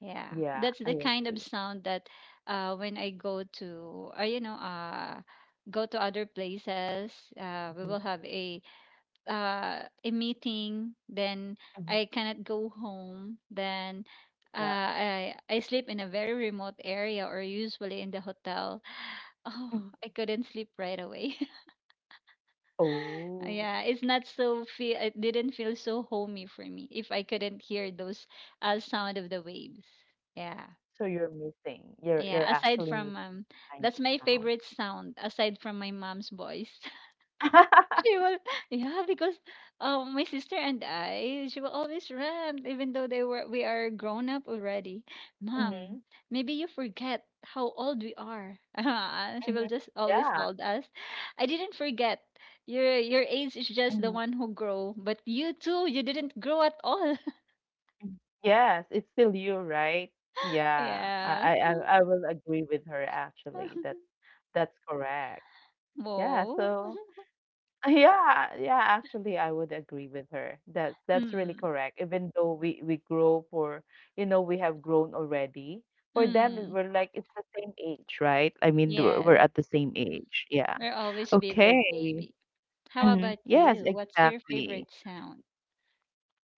Speaker 2: Yeah,
Speaker 1: Yeah,
Speaker 2: that's the
Speaker 1: I
Speaker 2: kind of
Speaker 1: agree.
Speaker 2: sound that when I go to you know go to other places we will
Speaker 1: Hmm.
Speaker 2: have a meeting, then I
Speaker 1: Hmm.
Speaker 2: cannot go home, then
Speaker 1: Yeah.
Speaker 2: I sleep in a very remote area or usually in the hotel. [SIGHS] Oh,
Speaker 1: Mhm.
Speaker 2: I couldn't sleep right away. [LAUGHS]
Speaker 1: Oh,
Speaker 2: Yeah, it's not so feel. It didn't feel so homey for me if I couldn't hear those sound of the waves. Yeah,
Speaker 1: so you're missing you're
Speaker 2: yeah.
Speaker 1: you're
Speaker 2: Aside
Speaker 1: actually
Speaker 2: from
Speaker 1: missing kind
Speaker 2: that's
Speaker 1: of
Speaker 2: my
Speaker 1: sound.
Speaker 2: favorite sound aside from my mom's voice. [LAUGHS] She
Speaker 1: [LAUGHS]
Speaker 2: will, yeah, because my sister and I, she will always rant, even though they were we are grown up already. Mom,
Speaker 1: Mhm,
Speaker 2: maybe you forget how old we are. [LAUGHS] And she will
Speaker 1: mhm,
Speaker 2: just always
Speaker 1: yeah,
Speaker 2: told us, I didn't forget. Your age is just
Speaker 1: mhm,
Speaker 2: the one who grow, but you too, you didn't grow at all.
Speaker 1: mhm. Yes, it's still you, right?
Speaker 2: [LAUGHS]
Speaker 1: Yeah,
Speaker 2: Yeah.
Speaker 1: I will agree with her actually. That
Speaker 2: [LAUGHS]
Speaker 1: that's correct. Yeah,
Speaker 2: Whoa.
Speaker 1: so
Speaker 2: [LAUGHS]
Speaker 1: [LAUGHS] yeah, yeah, actually I would agree with her. That that's really
Speaker 2: Mm,
Speaker 1: correct. Even though we grow for, you know, we have grown already. For them,
Speaker 2: mm,
Speaker 1: we're like it's the same age, right? I mean, we're
Speaker 2: yeah,
Speaker 1: at the same age. Yeah.
Speaker 2: we'll always be
Speaker 1: Okay.
Speaker 2: their baby. How
Speaker 1: Mhm.
Speaker 2: about
Speaker 1: Yes,
Speaker 2: you? What's your
Speaker 1: exactly.
Speaker 2: favorite sound?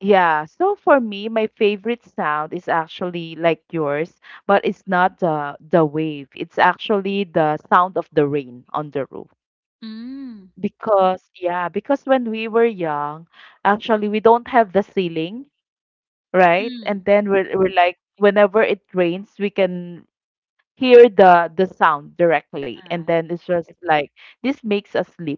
Speaker 1: Yeah. So for me, my favorite sound is actually like yours, but it's not the wave. It's actually the sound of the rain on the roof.
Speaker 2: Mm,
Speaker 1: Because yeah, because when we were young, actually we don't have the ceiling, right?
Speaker 2: mm.
Speaker 1: And then we're like whenever it rains, we can hear the sound directly, and then it's just like this makes us sleep.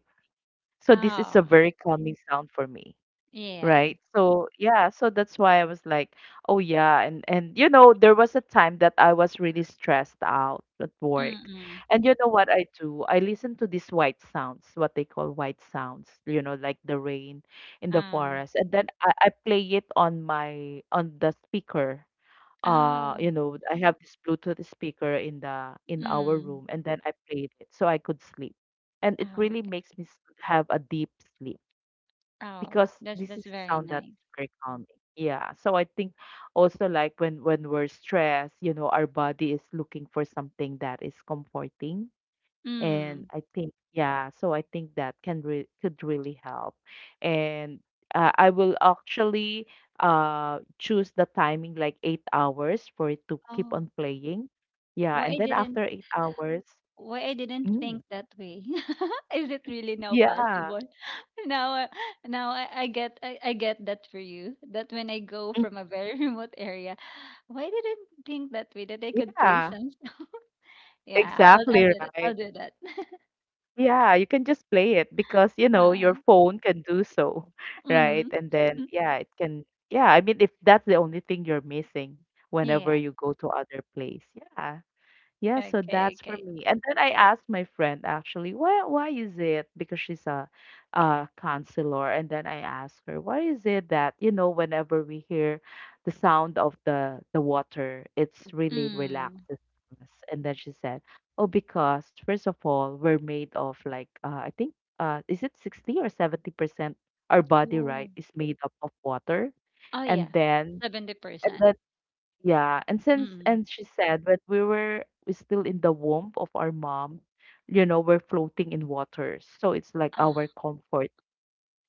Speaker 1: So this is a
Speaker 2: Ah, oh,
Speaker 1: very calming sound for me.
Speaker 2: yes.
Speaker 1: Right. So yeah, so that's why I was like, oh yeah, and you know, there was a time that I was really stressed out at work.
Speaker 2: Mm-mm.
Speaker 1: And you know what I do? I listen to these white sounds, what they call white sounds, you know, like the rain in the
Speaker 2: Oh.
Speaker 1: forest. And then I play it on my on the speaker.
Speaker 2: Oh.
Speaker 1: You know, I have this Bluetooth speaker in the in our
Speaker 2: Mm.
Speaker 1: room, and then I played it so I could sleep. And it really
Speaker 2: Oh,
Speaker 1: makes me have a deep sleep
Speaker 2: oh,
Speaker 1: because this
Speaker 2: that's
Speaker 1: is a
Speaker 2: very
Speaker 1: sound that's
Speaker 2: nice.
Speaker 1: very calming. Yeah. So I think also like when we're stressed, you know, our body is looking for something that is comforting. And
Speaker 2: Mm.
Speaker 1: I think yeah, so I think that can re could really help. And I will actually choose the timing like 8 hours for it to keep
Speaker 2: Oh,
Speaker 1: on playing. Yeah,
Speaker 2: why
Speaker 1: and
Speaker 2: I
Speaker 1: then
Speaker 2: didn't
Speaker 1: after 8 hours,
Speaker 2: why I didn't
Speaker 1: mm,
Speaker 2: think that way. [LAUGHS] Is it really now
Speaker 1: yeah,
Speaker 2: possible? [LAUGHS] Now, now I get that for you. That when I go
Speaker 1: mm,
Speaker 2: from a very [LAUGHS] remote area, why didn't think that way that I could play
Speaker 1: yeah,
Speaker 2: some? [LAUGHS] Yeah, I'll
Speaker 1: exactly
Speaker 2: do that. I'll
Speaker 1: right.
Speaker 2: do that. [LAUGHS]
Speaker 1: Yeah, you can just play it because, you know,
Speaker 2: uh,
Speaker 1: your phone can do so, [LAUGHS] right?
Speaker 2: mm.
Speaker 1: And then,
Speaker 2: [LAUGHS]
Speaker 1: yeah, it can, yeah, I mean, if that's the only thing you're missing whenever
Speaker 2: Yeah.
Speaker 1: you go to other place, yeah. Yeah, so
Speaker 2: Okay,
Speaker 1: that's for
Speaker 2: okay.
Speaker 1: me. And then I asked my friend actually, why is it? Because she's a counselor. And then I asked her, why is it that, you know, whenever we hear the sound of the water, it's really
Speaker 2: Mm.
Speaker 1: relaxes us. And then she said, oh, because first of all, we're made of like I think is it 60 or 70% our body,
Speaker 2: Oh.
Speaker 1: right, is made up of water.
Speaker 2: Oh yeah.
Speaker 1: And then and
Speaker 2: 70%.
Speaker 1: then yeah, and since
Speaker 2: Mm.
Speaker 1: and she said when we still in the womb of our mom, you know, we're floating in waters. So it's like our
Speaker 2: Ah.
Speaker 1: comfort,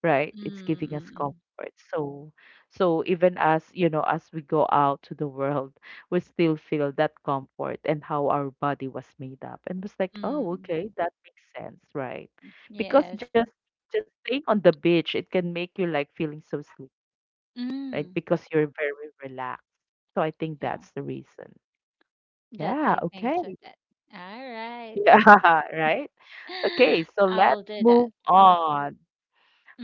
Speaker 1: right? It's
Speaker 2: Mm,
Speaker 1: giving
Speaker 2: mm,
Speaker 1: us
Speaker 2: mm.
Speaker 1: comfort. So so even as, you know, as we go out to the world, we still feel that comfort and how our body was made up. And was like, oh,
Speaker 2: Mm.
Speaker 1: okay, that makes sense, right? Because
Speaker 2: Yes.
Speaker 1: just staying on the beach, it can make you like feeling so sleepy, right?
Speaker 2: Mm.
Speaker 1: Because you're very relaxed. So I think
Speaker 2: Yeah.
Speaker 1: that's the reason.
Speaker 2: That
Speaker 1: Yeah,
Speaker 2: I think
Speaker 1: okay.
Speaker 2: so
Speaker 1: [LAUGHS]
Speaker 2: that. All right.
Speaker 1: Yeah,
Speaker 2: [GASPS]
Speaker 1: right?
Speaker 2: [LAUGHS]
Speaker 1: Okay, so
Speaker 2: I
Speaker 1: let's
Speaker 2: will do that.
Speaker 1: move on.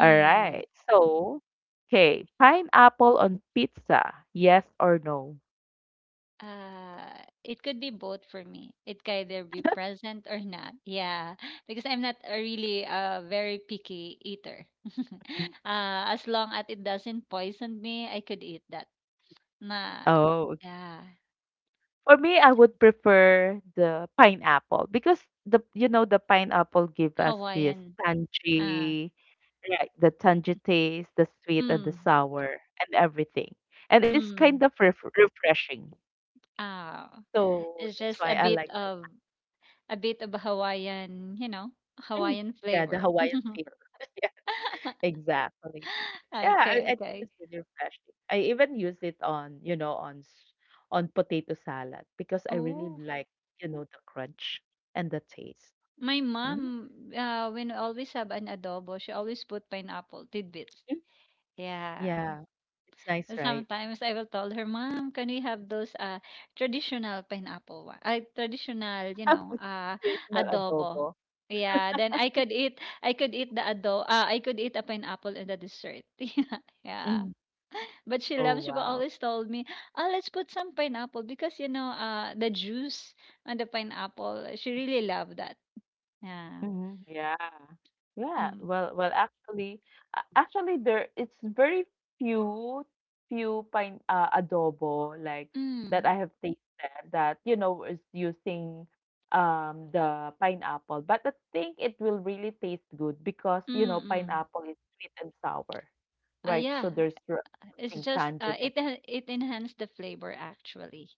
Speaker 1: All right. So, okay, pineapple on pizza, yes or no?
Speaker 2: Uh, it could be both for me. It can either be present or not. Yeah, [LAUGHS] because I'm not a really very picky eater. [LAUGHS]
Speaker 1: Mm,
Speaker 2: As long as it doesn't poison me, I could eat that. Na
Speaker 1: oh,
Speaker 2: yeah,
Speaker 1: for me, I would prefer the pineapple because the the pineapple give us this
Speaker 2: Hawaiian, ah,
Speaker 1: tangy, right? The tangy taste, the sweet and the
Speaker 2: mm,
Speaker 1: sour and everything, and it's kind of
Speaker 2: mm,
Speaker 1: refreshing.
Speaker 2: ah,
Speaker 1: So
Speaker 2: it's
Speaker 1: that's why
Speaker 2: just
Speaker 1: I like.
Speaker 2: a bit of Hawaiian, you know,
Speaker 1: Mm.
Speaker 2: Hawaiian
Speaker 1: Yeah, the
Speaker 2: flavor.
Speaker 1: Hawaiian feel. [LAUGHS] Yeah,
Speaker 2: [LAUGHS]
Speaker 1: exactly. Yeah, I
Speaker 2: Okay,
Speaker 1: think
Speaker 2: okay.
Speaker 1: it's really refreshing. I even use it on, you know, on potato salad because I really
Speaker 2: Oh,
Speaker 1: like, the crunch and the taste.
Speaker 2: my
Speaker 1: Mm,
Speaker 2: mom, when we always have an adobo, she always put pineapple tidbits.
Speaker 1: mm.
Speaker 2: Yeah.
Speaker 1: Yeah. It's nice,
Speaker 2: Well,
Speaker 1: right?
Speaker 2: sometimes I will tell her, "Mom, can we have those traditional pineapple one? Traditional, you know, [GASPS]
Speaker 1: Traditional
Speaker 2: adobo."
Speaker 1: adobo.
Speaker 2: Yeah, then I could eat the adobo. I could eat a pineapple in the dessert. [LAUGHS] Yeah. Yeah.
Speaker 1: Mm.
Speaker 2: But she
Speaker 1: Oh,
Speaker 2: loves, she will
Speaker 1: wow.
Speaker 2: always told me, "Oh, let's put some pineapple because you know, the juice on the pineapple, she really loved that." Yeah.
Speaker 1: Mhm. Yeah. Yeah.
Speaker 2: Mm.
Speaker 1: Well, actually, actually, there it's very few, few pine adobo like that
Speaker 2: Mm.
Speaker 1: I have tasted that you know is using the pineapple, but I think it will really taste good because
Speaker 2: Mm.
Speaker 1: you know
Speaker 2: mm.
Speaker 1: pineapple is sweet and sour, right?
Speaker 2: Yeah,
Speaker 1: So there's something tanginess.
Speaker 2: it enhanced the flavor actually.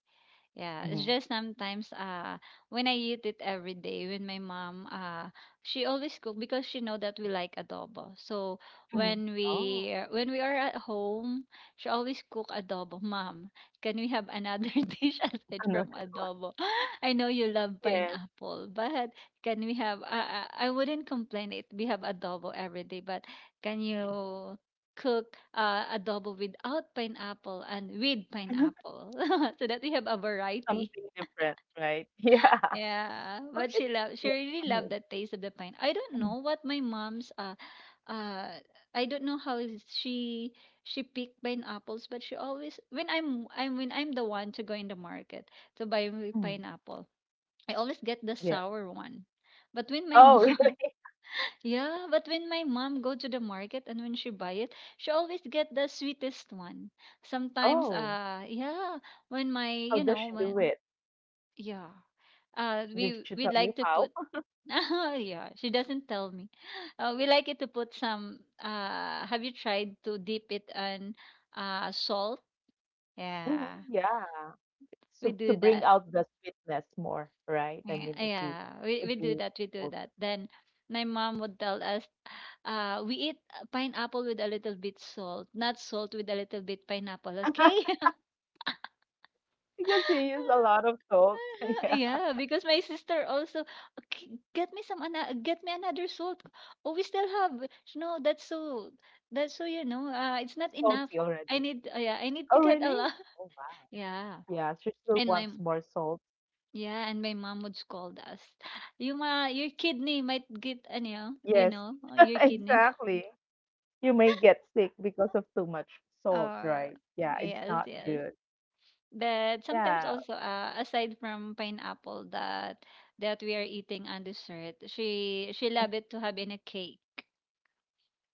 Speaker 2: Yeah, it's
Speaker 1: Mm-hmm.
Speaker 2: just sometimes when I eat it every day with my mom she always cook because she know that we like adobo. So
Speaker 1: Mm-hmm. Oh,
Speaker 2: when we are at home, she always cook adobo. Mom, can we have another [LAUGHS] dish
Speaker 1: [LAUGHS]
Speaker 2: aside from
Speaker 1: another one.
Speaker 2: adobo? [LAUGHS] I know you love
Speaker 1: Yes,
Speaker 2: pineapple, but can we have I wouldn't complain if we have adobo every day, but can you cook adobo without pineapple and with
Speaker 1: [LAUGHS]
Speaker 2: pineapple [LAUGHS] so that we have a variety.
Speaker 1: something different, right? [LAUGHS] Yeah,
Speaker 2: Yeah,
Speaker 1: but
Speaker 2: but she
Speaker 1: it's
Speaker 2: loved, she
Speaker 1: yeah.
Speaker 2: really
Speaker 1: For me,
Speaker 2: loved the taste of the pine. I don't know
Speaker 1: mm,
Speaker 2: what my mom's uh I don't know how is she picked pineapples, but she always when I'm the one to go in the market to buy me
Speaker 1: mm,
Speaker 2: pineapple, I always get the
Speaker 1: yeah.
Speaker 2: sour one. But when my [LAUGHS]
Speaker 1: Oh, [LAUGHS] really?
Speaker 2: mom yeah, but when my mom go to the market and when she buy it, she always get the sweetest one. Sometimes,
Speaker 1: Oh,
Speaker 2: yeah, when my,
Speaker 1: how
Speaker 2: you
Speaker 1: does
Speaker 2: know,
Speaker 1: she do
Speaker 2: when
Speaker 1: it?
Speaker 2: yeah,
Speaker 1: Did she tell
Speaker 2: we
Speaker 1: you
Speaker 2: like to
Speaker 1: how?
Speaker 2: put,
Speaker 1: [LAUGHS]
Speaker 2: [LAUGHS] yeah, she doesn't tell me. We like it to put some. Have you tried to dip it in, salt?
Speaker 1: Mhm,
Speaker 2: Yeah,
Speaker 1: yeah.
Speaker 2: we
Speaker 1: So to
Speaker 2: do
Speaker 1: bring
Speaker 2: that.
Speaker 1: out the sweetness more, right? I
Speaker 2: Eh,
Speaker 1: mean,
Speaker 2: yeah,
Speaker 1: if you use
Speaker 2: we do
Speaker 1: salt,
Speaker 2: that. Then my mom would tell us, we eat pineapple with a little bit salt, not salt with a little bit pineapple, okay?
Speaker 1: [LAUGHS]
Speaker 2: [LAUGHS]
Speaker 1: because he used a lot of salt. [LAUGHS] Yeah,
Speaker 2: Yeah, because my sister also okay, get me some ana get me another salt. Oh, we still have no, that's so you know, it's not
Speaker 1: salty
Speaker 2: enough.
Speaker 1: already.
Speaker 2: I need yeah, I need
Speaker 1: Oh,
Speaker 2: to get
Speaker 1: really?
Speaker 2: a lot.
Speaker 1: Oh,
Speaker 2: [LAUGHS]
Speaker 1: wow.
Speaker 2: Yeah.
Speaker 1: Yeah, she still
Speaker 2: And
Speaker 1: wants
Speaker 2: my
Speaker 1: more salt.
Speaker 2: Yeah, and my mom would scold us. [LAUGHS] Your kidney might get, ano, yun,
Speaker 1: Yes,
Speaker 2: your
Speaker 1: [LAUGHS]
Speaker 2: kidney. [LAUGHS]
Speaker 1: exactly. You may get sick because of too much salt,
Speaker 2: Uh,
Speaker 1: right? Yeah, it's
Speaker 2: yes,
Speaker 1: not
Speaker 2: yes.
Speaker 1: good.
Speaker 2: But sometimes
Speaker 1: Yeah.
Speaker 2: also, aside from pineapple that we are eating on dessert, she love it to have in a cake.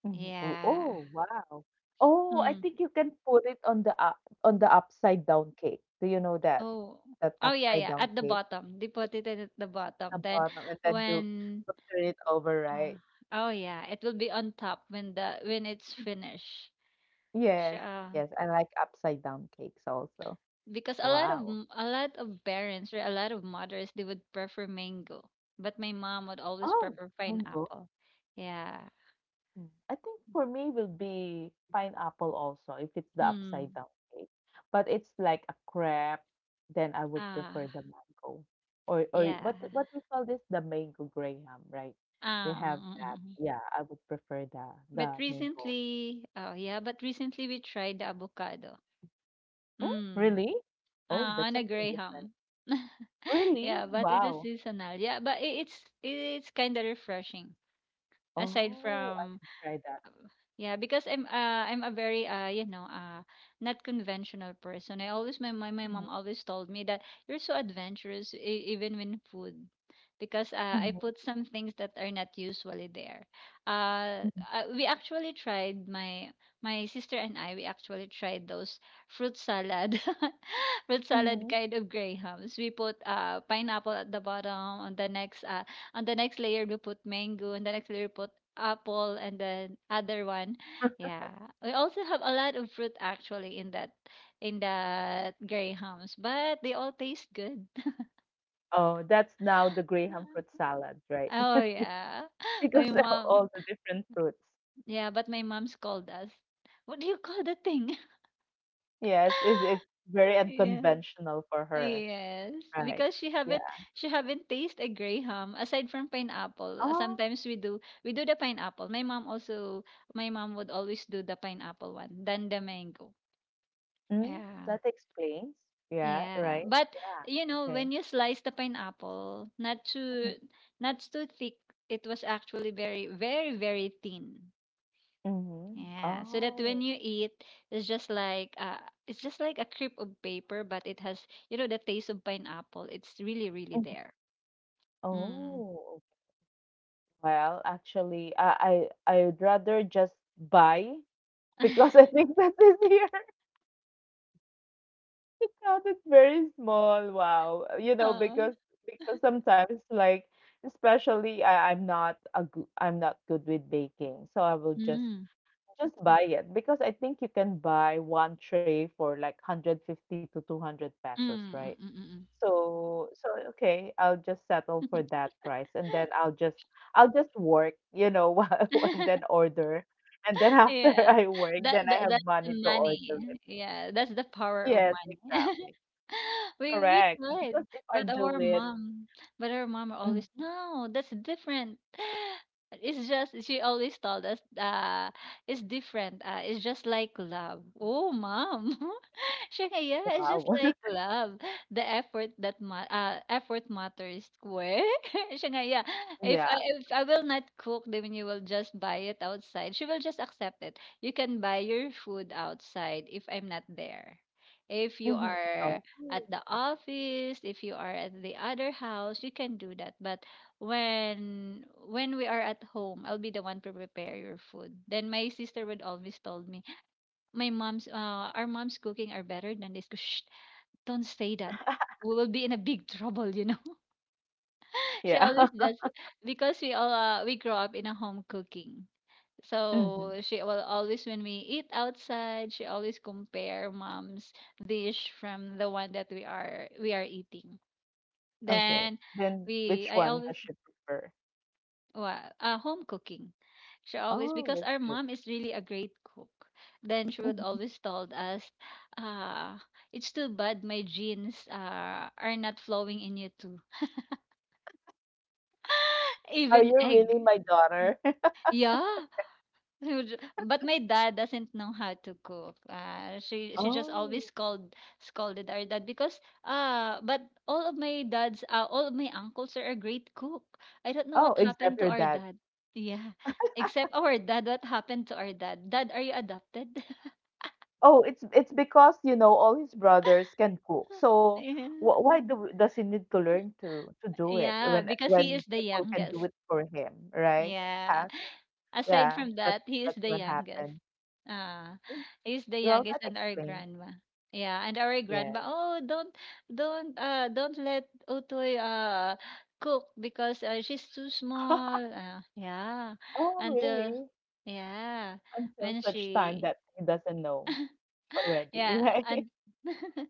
Speaker 1: Mhm. Oh,
Speaker 2: Yeah.
Speaker 1: oh, wow. Oh, I
Speaker 2: Mm.
Speaker 1: think you can put it on the up on the upside down cake. Do you know that?
Speaker 2: Oh.
Speaker 1: That
Speaker 2: Oh yeah,
Speaker 1: upside
Speaker 2: yeah.
Speaker 1: down
Speaker 2: At the
Speaker 1: cake,
Speaker 2: bottom, they put it at the
Speaker 1: the
Speaker 2: bottom. Then
Speaker 1: bottom, and then
Speaker 2: when,
Speaker 1: you turn it over,
Speaker 2: uh,
Speaker 1: right?
Speaker 2: oh yeah, it will be on top when the when it's finished.
Speaker 1: Yes.
Speaker 2: Siya.
Speaker 1: Yes, I like upside down cakes also.
Speaker 2: Because a lot of
Speaker 1: Wow.
Speaker 2: a lot of parents or a lot of mothers they would prefer mango, but my mom would always
Speaker 1: Oh,
Speaker 2: prefer pineapple. Yeah.
Speaker 1: mm. I think for me will be pineapple also if it's the upside
Speaker 2: Mm.
Speaker 1: down cake. But it's like a crepe, then I would prefer
Speaker 2: Ah.
Speaker 1: the mango. Or
Speaker 2: Yeah.
Speaker 1: what do you call this? The mango graham, right? We
Speaker 2: Ah.
Speaker 1: have that.
Speaker 2: Mm.
Speaker 1: Yeah, I would prefer
Speaker 2: But
Speaker 1: the mango.
Speaker 2: recently, but recently we tried the avocado.
Speaker 1: Mm,
Speaker 2: Mm.
Speaker 1: really? Oh,
Speaker 2: Ah,
Speaker 1: that's
Speaker 2: on a
Speaker 1: something different.
Speaker 2: graham. [LAUGHS] Yeah,
Speaker 1: Really?
Speaker 2: but it's a
Speaker 1: Wow.
Speaker 2: seasonal. Yeah, but it's kind of refreshing aside
Speaker 1: Oh, I
Speaker 2: from.
Speaker 1: should try that.
Speaker 2: Yeah, because I'm a very not conventional person. I always my
Speaker 1: Mhm,
Speaker 2: mom always told me that you're so adventurous, even when food, because I
Speaker 1: mhm,
Speaker 2: put some things that are not usually there.
Speaker 1: mhm,
Speaker 2: We actually tried my sister and I, we actually tried those fruit salad, [LAUGHS] fruit salad
Speaker 1: mhm.
Speaker 2: kind of grahams. We put pineapple at the bottom, on the next uh on the next layer we put mango, and the next layer we put apple, and then other one. Yeah, we also have a lot of fruit actually in that grahams, but they all taste good.
Speaker 1: Oh, that's now the graham fruit salad,
Speaker 2: [LAUGHS]
Speaker 1: right?
Speaker 2: Oh
Speaker 1: [LAUGHS]
Speaker 2: yeah. [LAUGHS] my
Speaker 1: Because of
Speaker 2: mom
Speaker 1: all the different fruits.
Speaker 2: Yeah, but my mom scold us. What do you call the thing?
Speaker 1: Yes, it's
Speaker 2: [LAUGHS]
Speaker 1: very
Speaker 2: Yeah,
Speaker 1: unconventional for her.
Speaker 2: yes,
Speaker 1: Right.
Speaker 2: because she
Speaker 1: Yeah.
Speaker 2: haven't, she haven't tasted a graham aside from pineapple.
Speaker 1: Oh,
Speaker 2: Sometimes we do the pineapple. My mom also, my mom would always do the pineapple one. Then the mango.
Speaker 1: mm,
Speaker 2: Yeah.
Speaker 1: that explains. Yeah,
Speaker 2: Yeah,
Speaker 1: right.
Speaker 2: but
Speaker 1: Yeah.
Speaker 2: you know,
Speaker 1: Okay.
Speaker 2: when you slice the pineapple,
Speaker 1: Mhm.
Speaker 2: not too thick, it was actually very, very, very thin.
Speaker 1: Mhm.
Speaker 2: Yeah, so that
Speaker 1: Oh.
Speaker 2: when you eat, it's just like uh, it's just like a crepe of paper, but it has, you know, the taste of pineapple. It's really, really
Speaker 1: Mhm.
Speaker 2: there. Mm.
Speaker 1: Oh. Well, actually, I'd rather just buy because [LAUGHS]
Speaker 2: [LAUGHS]
Speaker 1: I think that is here. It sounded very small. Wow. You know,
Speaker 2: Aw.
Speaker 1: because sometimes like especially I'm not a good I'm not good with baking. So I will
Speaker 2: Mm.
Speaker 1: just buy it because I think you can buy one tray for like 150 to 200 pesos, right?
Speaker 2: Mm. Mm. Mm.
Speaker 1: So so okay, I'll just settle for
Speaker 2: Mm,
Speaker 1: that price and then I'll just work, you know, [LAUGHS] while, and
Speaker 2: mm.
Speaker 1: then
Speaker 2: [LAUGHS]
Speaker 1: order. And then [LAUGHS] after
Speaker 2: Yeah.
Speaker 1: I work, then I
Speaker 2: That's
Speaker 1: have
Speaker 2: the
Speaker 1: money to
Speaker 2: money.
Speaker 1: order it.
Speaker 2: Yeah, that's the power of
Speaker 1: Yes,
Speaker 2: money. [LAUGHS]
Speaker 1: exactly.
Speaker 2: We
Speaker 1: Correct,
Speaker 2: tried,
Speaker 1: because if I
Speaker 2: but our
Speaker 1: do it
Speaker 2: mom, but our mom always,
Speaker 1: mm,
Speaker 2: no, that's different. It's just she always told us, it's different. It's just like love. Oh, mom. [LAUGHS] Shania is just like
Speaker 1: wow.
Speaker 2: love. The effort that effort matters. Where? [LAUGHS] Shania,
Speaker 1: [LAUGHS] Yeah.
Speaker 2: if I will not cook, then you will just buy it outside. She will just accept it. You can buy your food outside if I'm not there. If you
Speaker 1: Mhm.
Speaker 2: are
Speaker 1: Oh.
Speaker 2: at the office, if you are at the other house, you can do that. But when we are at home, I'll be the one to prepare your food. Then my sister would always told me, my our mom's cooking are better than this. 'Cause, shh, don't say that. We will be in a big [LAUGHS] trouble, you know. [LAUGHS] She
Speaker 1: Yeah.
Speaker 2: always
Speaker 1: [LAUGHS]
Speaker 2: does, because we all, we grow up in a home cooking.
Speaker 1: Mhm.
Speaker 2: So she will always, when we eat outside, she always compare mom's dish from the one that we are, we are eating.
Speaker 1: Okay.
Speaker 2: Then
Speaker 1: Then
Speaker 2: we
Speaker 1: which
Speaker 2: I
Speaker 1: one does
Speaker 2: always
Speaker 1: she prefer?
Speaker 2: Well, home cooking. She always,
Speaker 1: Oh,
Speaker 2: because
Speaker 1: that's
Speaker 2: our
Speaker 1: good.
Speaker 2: mom is really a great cook. Then she would
Speaker 1: Mhm.
Speaker 2: always told us, uh, it's too bad my genes, are not flowing in you too. [LAUGHS]
Speaker 1: Are
Speaker 2: Even
Speaker 1: you
Speaker 2: egg.
Speaker 1: really my daughter? [LAUGHS]
Speaker 2: Yeah, but my dad doesn't know how to cook. She just
Speaker 1: Oh.
Speaker 2: always scolded our dad because, but all of my dads all of my uncles are a great cook. I don't know
Speaker 1: Oh,
Speaker 2: what happened
Speaker 1: except
Speaker 2: to
Speaker 1: your
Speaker 2: our
Speaker 1: dad.
Speaker 2: dad. Yeah. Except our dad, what happened to our dad? Dad, are you adopted?
Speaker 1: Oh, it's because, you know, all his brothers can cook.
Speaker 2: [LAUGHS]
Speaker 1: So
Speaker 2: Yeah.
Speaker 1: wh why do does he need to learn to do it
Speaker 2: Yeah, because he
Speaker 1: when
Speaker 2: is the
Speaker 1: people can do
Speaker 2: youngest.
Speaker 1: it for him, right? Yeah.
Speaker 2: Yeah. Aside
Speaker 1: Yeah,
Speaker 2: from
Speaker 1: that's
Speaker 2: that, he
Speaker 1: that's
Speaker 2: is the
Speaker 1: what happened.
Speaker 2: youngest. Ah,
Speaker 1: Mm,
Speaker 2: he's the
Speaker 1: well, that
Speaker 2: youngest and our
Speaker 1: explains.
Speaker 2: grandma. Yeah, and our grandma,
Speaker 1: Yes.
Speaker 2: oh, don't let Utoy cook because, she's too small.
Speaker 1: [LAUGHS]
Speaker 2: Yeah.
Speaker 1: Oh,
Speaker 2: Until
Speaker 1: really?
Speaker 2: yeah,
Speaker 1: Until
Speaker 2: when
Speaker 1: such time that
Speaker 2: she
Speaker 1: he doesn't know
Speaker 2: [GASPS] [LAUGHS]
Speaker 1: already, [LAUGHS]
Speaker 2: yeah,
Speaker 1: right?
Speaker 2: and [LAUGHS]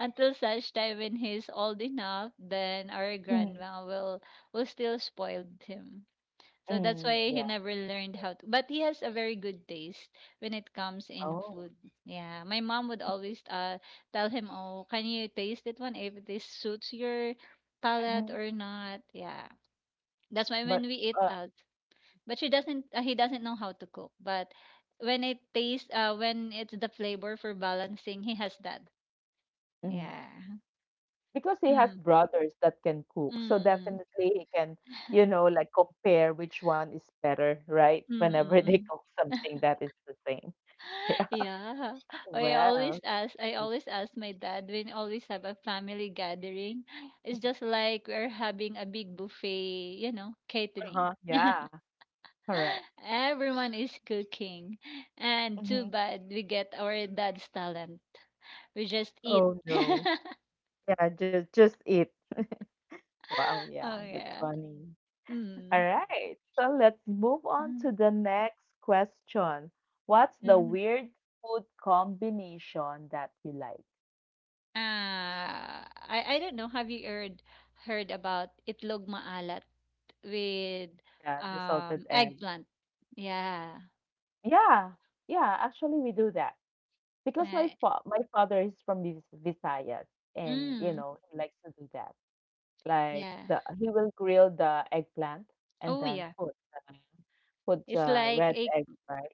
Speaker 2: until such time when he's old enough, then our
Speaker 1: Mm,
Speaker 2: grandma will still spoil him. So that's
Speaker 1: mm,
Speaker 2: why
Speaker 1: yeah.
Speaker 2: he never learned how to. But he has a very good taste when it comes in
Speaker 1: Oh.
Speaker 2: food. Yeah, my mom would always tell him, "Oh, can you taste it one if this suits your palate
Speaker 1: Hmm.
Speaker 2: or not?" Yeah, that's why when
Speaker 1: But
Speaker 2: we eat
Speaker 1: uh,
Speaker 2: out, but she doesn't. He doesn't know how to cook. But when it tastes, when it's the flavor for balancing, he has that.
Speaker 1: mm,
Speaker 2: Yeah.
Speaker 1: because he has
Speaker 2: Mm.
Speaker 1: brothers that can cook, so
Speaker 2: Mm. Mm.
Speaker 1: definitely he can, you know, like compare which one is better, right?
Speaker 2: Mm.
Speaker 1: Whenever [LAUGHS] they
Speaker 2: Mm.
Speaker 1: cook
Speaker 2: Mm. [LAUGHS]
Speaker 1: something that is the same. [LAUGHS] Yeah.
Speaker 2: [LAUGHS] Yeah.
Speaker 1: Well,
Speaker 2: I
Speaker 1: good.
Speaker 2: always ask my dad when always have a family gathering. It's just like we're having a big buffet, you know, catering.
Speaker 1: Uh-huh. Yeah.
Speaker 2: [GASPS]
Speaker 1: Correct.
Speaker 2: [LAUGHS] Everyone is cooking. And
Speaker 1: Hmm.
Speaker 2: too bad we get our dad's talent. We just eat.
Speaker 1: Oh no.
Speaker 2: [LAUGHS]
Speaker 1: Yeah, just eat. Wow, yeah,
Speaker 2: Oh
Speaker 1: that's
Speaker 2: yeah.
Speaker 1: funny. All
Speaker 2: Mm.
Speaker 1: right, so let's move on to the next question. What's the
Speaker 2: Mm-hmm.
Speaker 1: weird food combination that you like?
Speaker 2: Ah, I don't know. Have you heard about itlog maalat? With
Speaker 1: Yeah, the salted egg.
Speaker 2: eggplant. Yeah.
Speaker 1: Yeah, yeah, actually we do that because
Speaker 2: Right.
Speaker 1: my father is from Visayas and you
Speaker 2: Mm.
Speaker 1: know, he likes to do that. Like
Speaker 2: Yeah.
Speaker 1: the he will grill the eggplant and
Speaker 2: Oh
Speaker 1: then
Speaker 2: yeah.
Speaker 1: the, put
Speaker 2: It's
Speaker 1: the
Speaker 2: like
Speaker 1: red egg, right?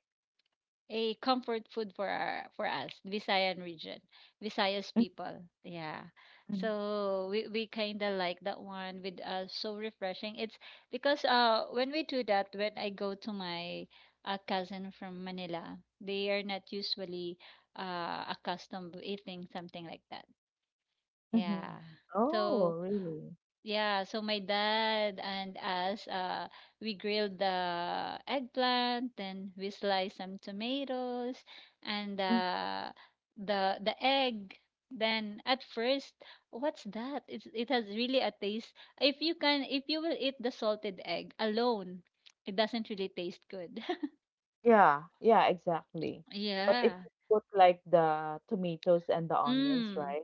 Speaker 2: a comfort food for our, for us Visayan region, Visayas people. Yeah. So we kind of like that one with so refreshing. It's because when we do that, when I go to my cousin from Manila, they are not usually accustomed to eating something like that.
Speaker 1: Mm-hmm.
Speaker 2: Yeah. So,
Speaker 1: Oh, really?
Speaker 2: yeah, so my dad and us, we grilled the eggplant, then we sliced some tomatoes and,
Speaker 1: Mm-hmm.
Speaker 2: the egg. Then at first, what's that? It's, it has really a taste. If you can, if you will eat the salted egg alone, it doesn't really taste good. [LAUGHS]
Speaker 1: Yeah, yeah, exactly. But if
Speaker 2: Yeah.
Speaker 1: you put like the tomatoes and the onions,
Speaker 2: Mm,
Speaker 1: right?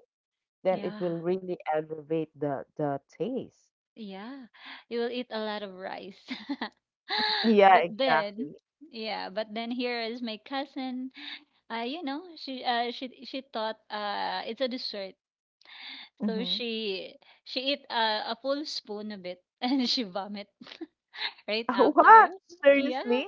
Speaker 1: Then it
Speaker 2: yeah.
Speaker 1: will really elevate the taste.
Speaker 2: Yeah, you will eat a lot of rice. [LAUGHS]
Speaker 1: [LAUGHS] Yeah,
Speaker 2: But
Speaker 1: exactly.
Speaker 2: then, yeah, but then here is my cousin. You know, she she thought it's a dessert. So
Speaker 1: Mm-hmm.
Speaker 2: she eat, a full spoon of it [LAUGHS] and she vomit [LAUGHS] right
Speaker 1: [LAUGHS]
Speaker 2: after.
Speaker 1: What?
Speaker 2: Yeah.
Speaker 1: Seriously?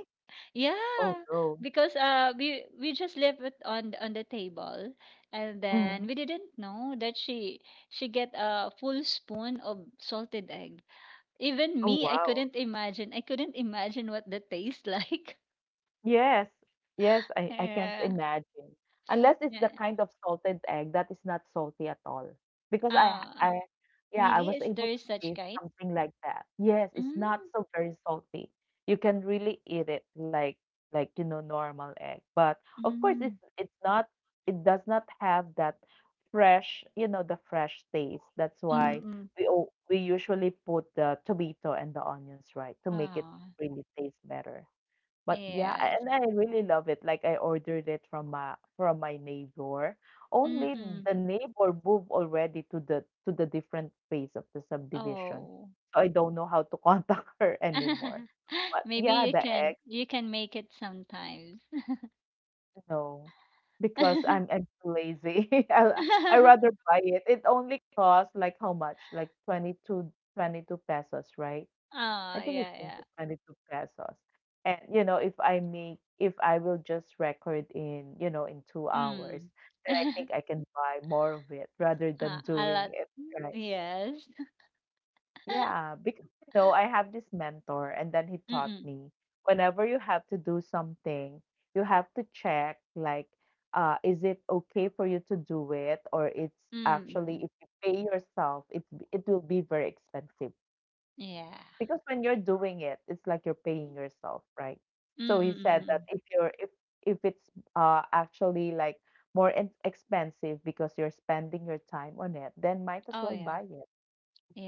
Speaker 1: Oh
Speaker 2: Yeah.
Speaker 1: no.
Speaker 2: Because we just left it on the table, and
Speaker 1: Mm-hmm.
Speaker 2: then we didn't know that she get a full spoon of salted egg. Even
Speaker 1: Oh
Speaker 2: me, I
Speaker 1: wow.
Speaker 2: couldn't imagine. I couldn't imagine what the taste like. [LAUGHS]
Speaker 1: Yes, yes, I can't [LAUGHS]
Speaker 2: Yeah.
Speaker 1: imagine. Unless it's
Speaker 2: Yeah.
Speaker 1: the kind of salted egg that is not salty at all. Because
Speaker 2: Ah,
Speaker 1: I yeah, I
Speaker 2: really?
Speaker 1: was
Speaker 2: Is there
Speaker 1: able to
Speaker 2: is such
Speaker 1: taste
Speaker 2: kind?
Speaker 1: something like that. Yes, it's not
Speaker 2: Mm.
Speaker 1: so very salty. You can really eat it like like normal egg. But of course
Speaker 2: Mm.
Speaker 1: it does not have that fresh, you know, the fresh taste. That's
Speaker 2: Mm.
Speaker 1: why
Speaker 2: Mm.
Speaker 1: we usually put the tomato and the onions right to make it
Speaker 2: Ah,
Speaker 1: really taste better. But yeah,
Speaker 2: yes.
Speaker 1: and I really love it. Like I ordered it from my neighbor. Only
Speaker 2: Mm.
Speaker 1: the neighbor moved already to the different phase of the subdivision.
Speaker 2: Oh.
Speaker 1: So I don't know how to contact [LAUGHS] her
Speaker 2: [LAUGHS]
Speaker 1: anymore. But
Speaker 2: Maybe
Speaker 1: yeah, the eggs,
Speaker 2: you can make it sometimes.
Speaker 1: no. Because I'm
Speaker 2: [LAUGHS]
Speaker 1: I'm too lazy. [LAUGHS] I rather buy it. It only costs like how much? Like twenty two pesos, right? I
Speaker 2: Ah,
Speaker 1: think it's
Speaker 2: yeah,
Speaker 1: going to
Speaker 2: yeah.
Speaker 1: 22 pesos. And you know, if I will just record in, you know, in 2 hours,
Speaker 2: Mm.
Speaker 1: then I think I
Speaker 2: [LAUGHS]
Speaker 1: can buy more of it rather than
Speaker 2: Ah, a
Speaker 1: doing
Speaker 2: lot.
Speaker 1: it, right?
Speaker 2: Yes.
Speaker 1: Yeah,
Speaker 2: [LAUGHS]
Speaker 1: because you know, I have this mentor and then he taught
Speaker 2: Mm.
Speaker 1: me whenever you have to do something, you have to check like is it okay for you to do it or it's
Speaker 2: Mm.
Speaker 1: actually if you pay yourself, it will be very expensive.
Speaker 2: Yeah.
Speaker 1: Because when you're doing it, it's like you're paying yourself, right?
Speaker 2: Mm.
Speaker 1: So he
Speaker 2: Mm.
Speaker 1: said
Speaker 2: Mm,
Speaker 1: that
Speaker 2: mm.
Speaker 1: if you're if it's actually like more expensive because you're spending your time on it, then might as
Speaker 2: Oh,
Speaker 1: well
Speaker 2: yeah.
Speaker 1: buy it.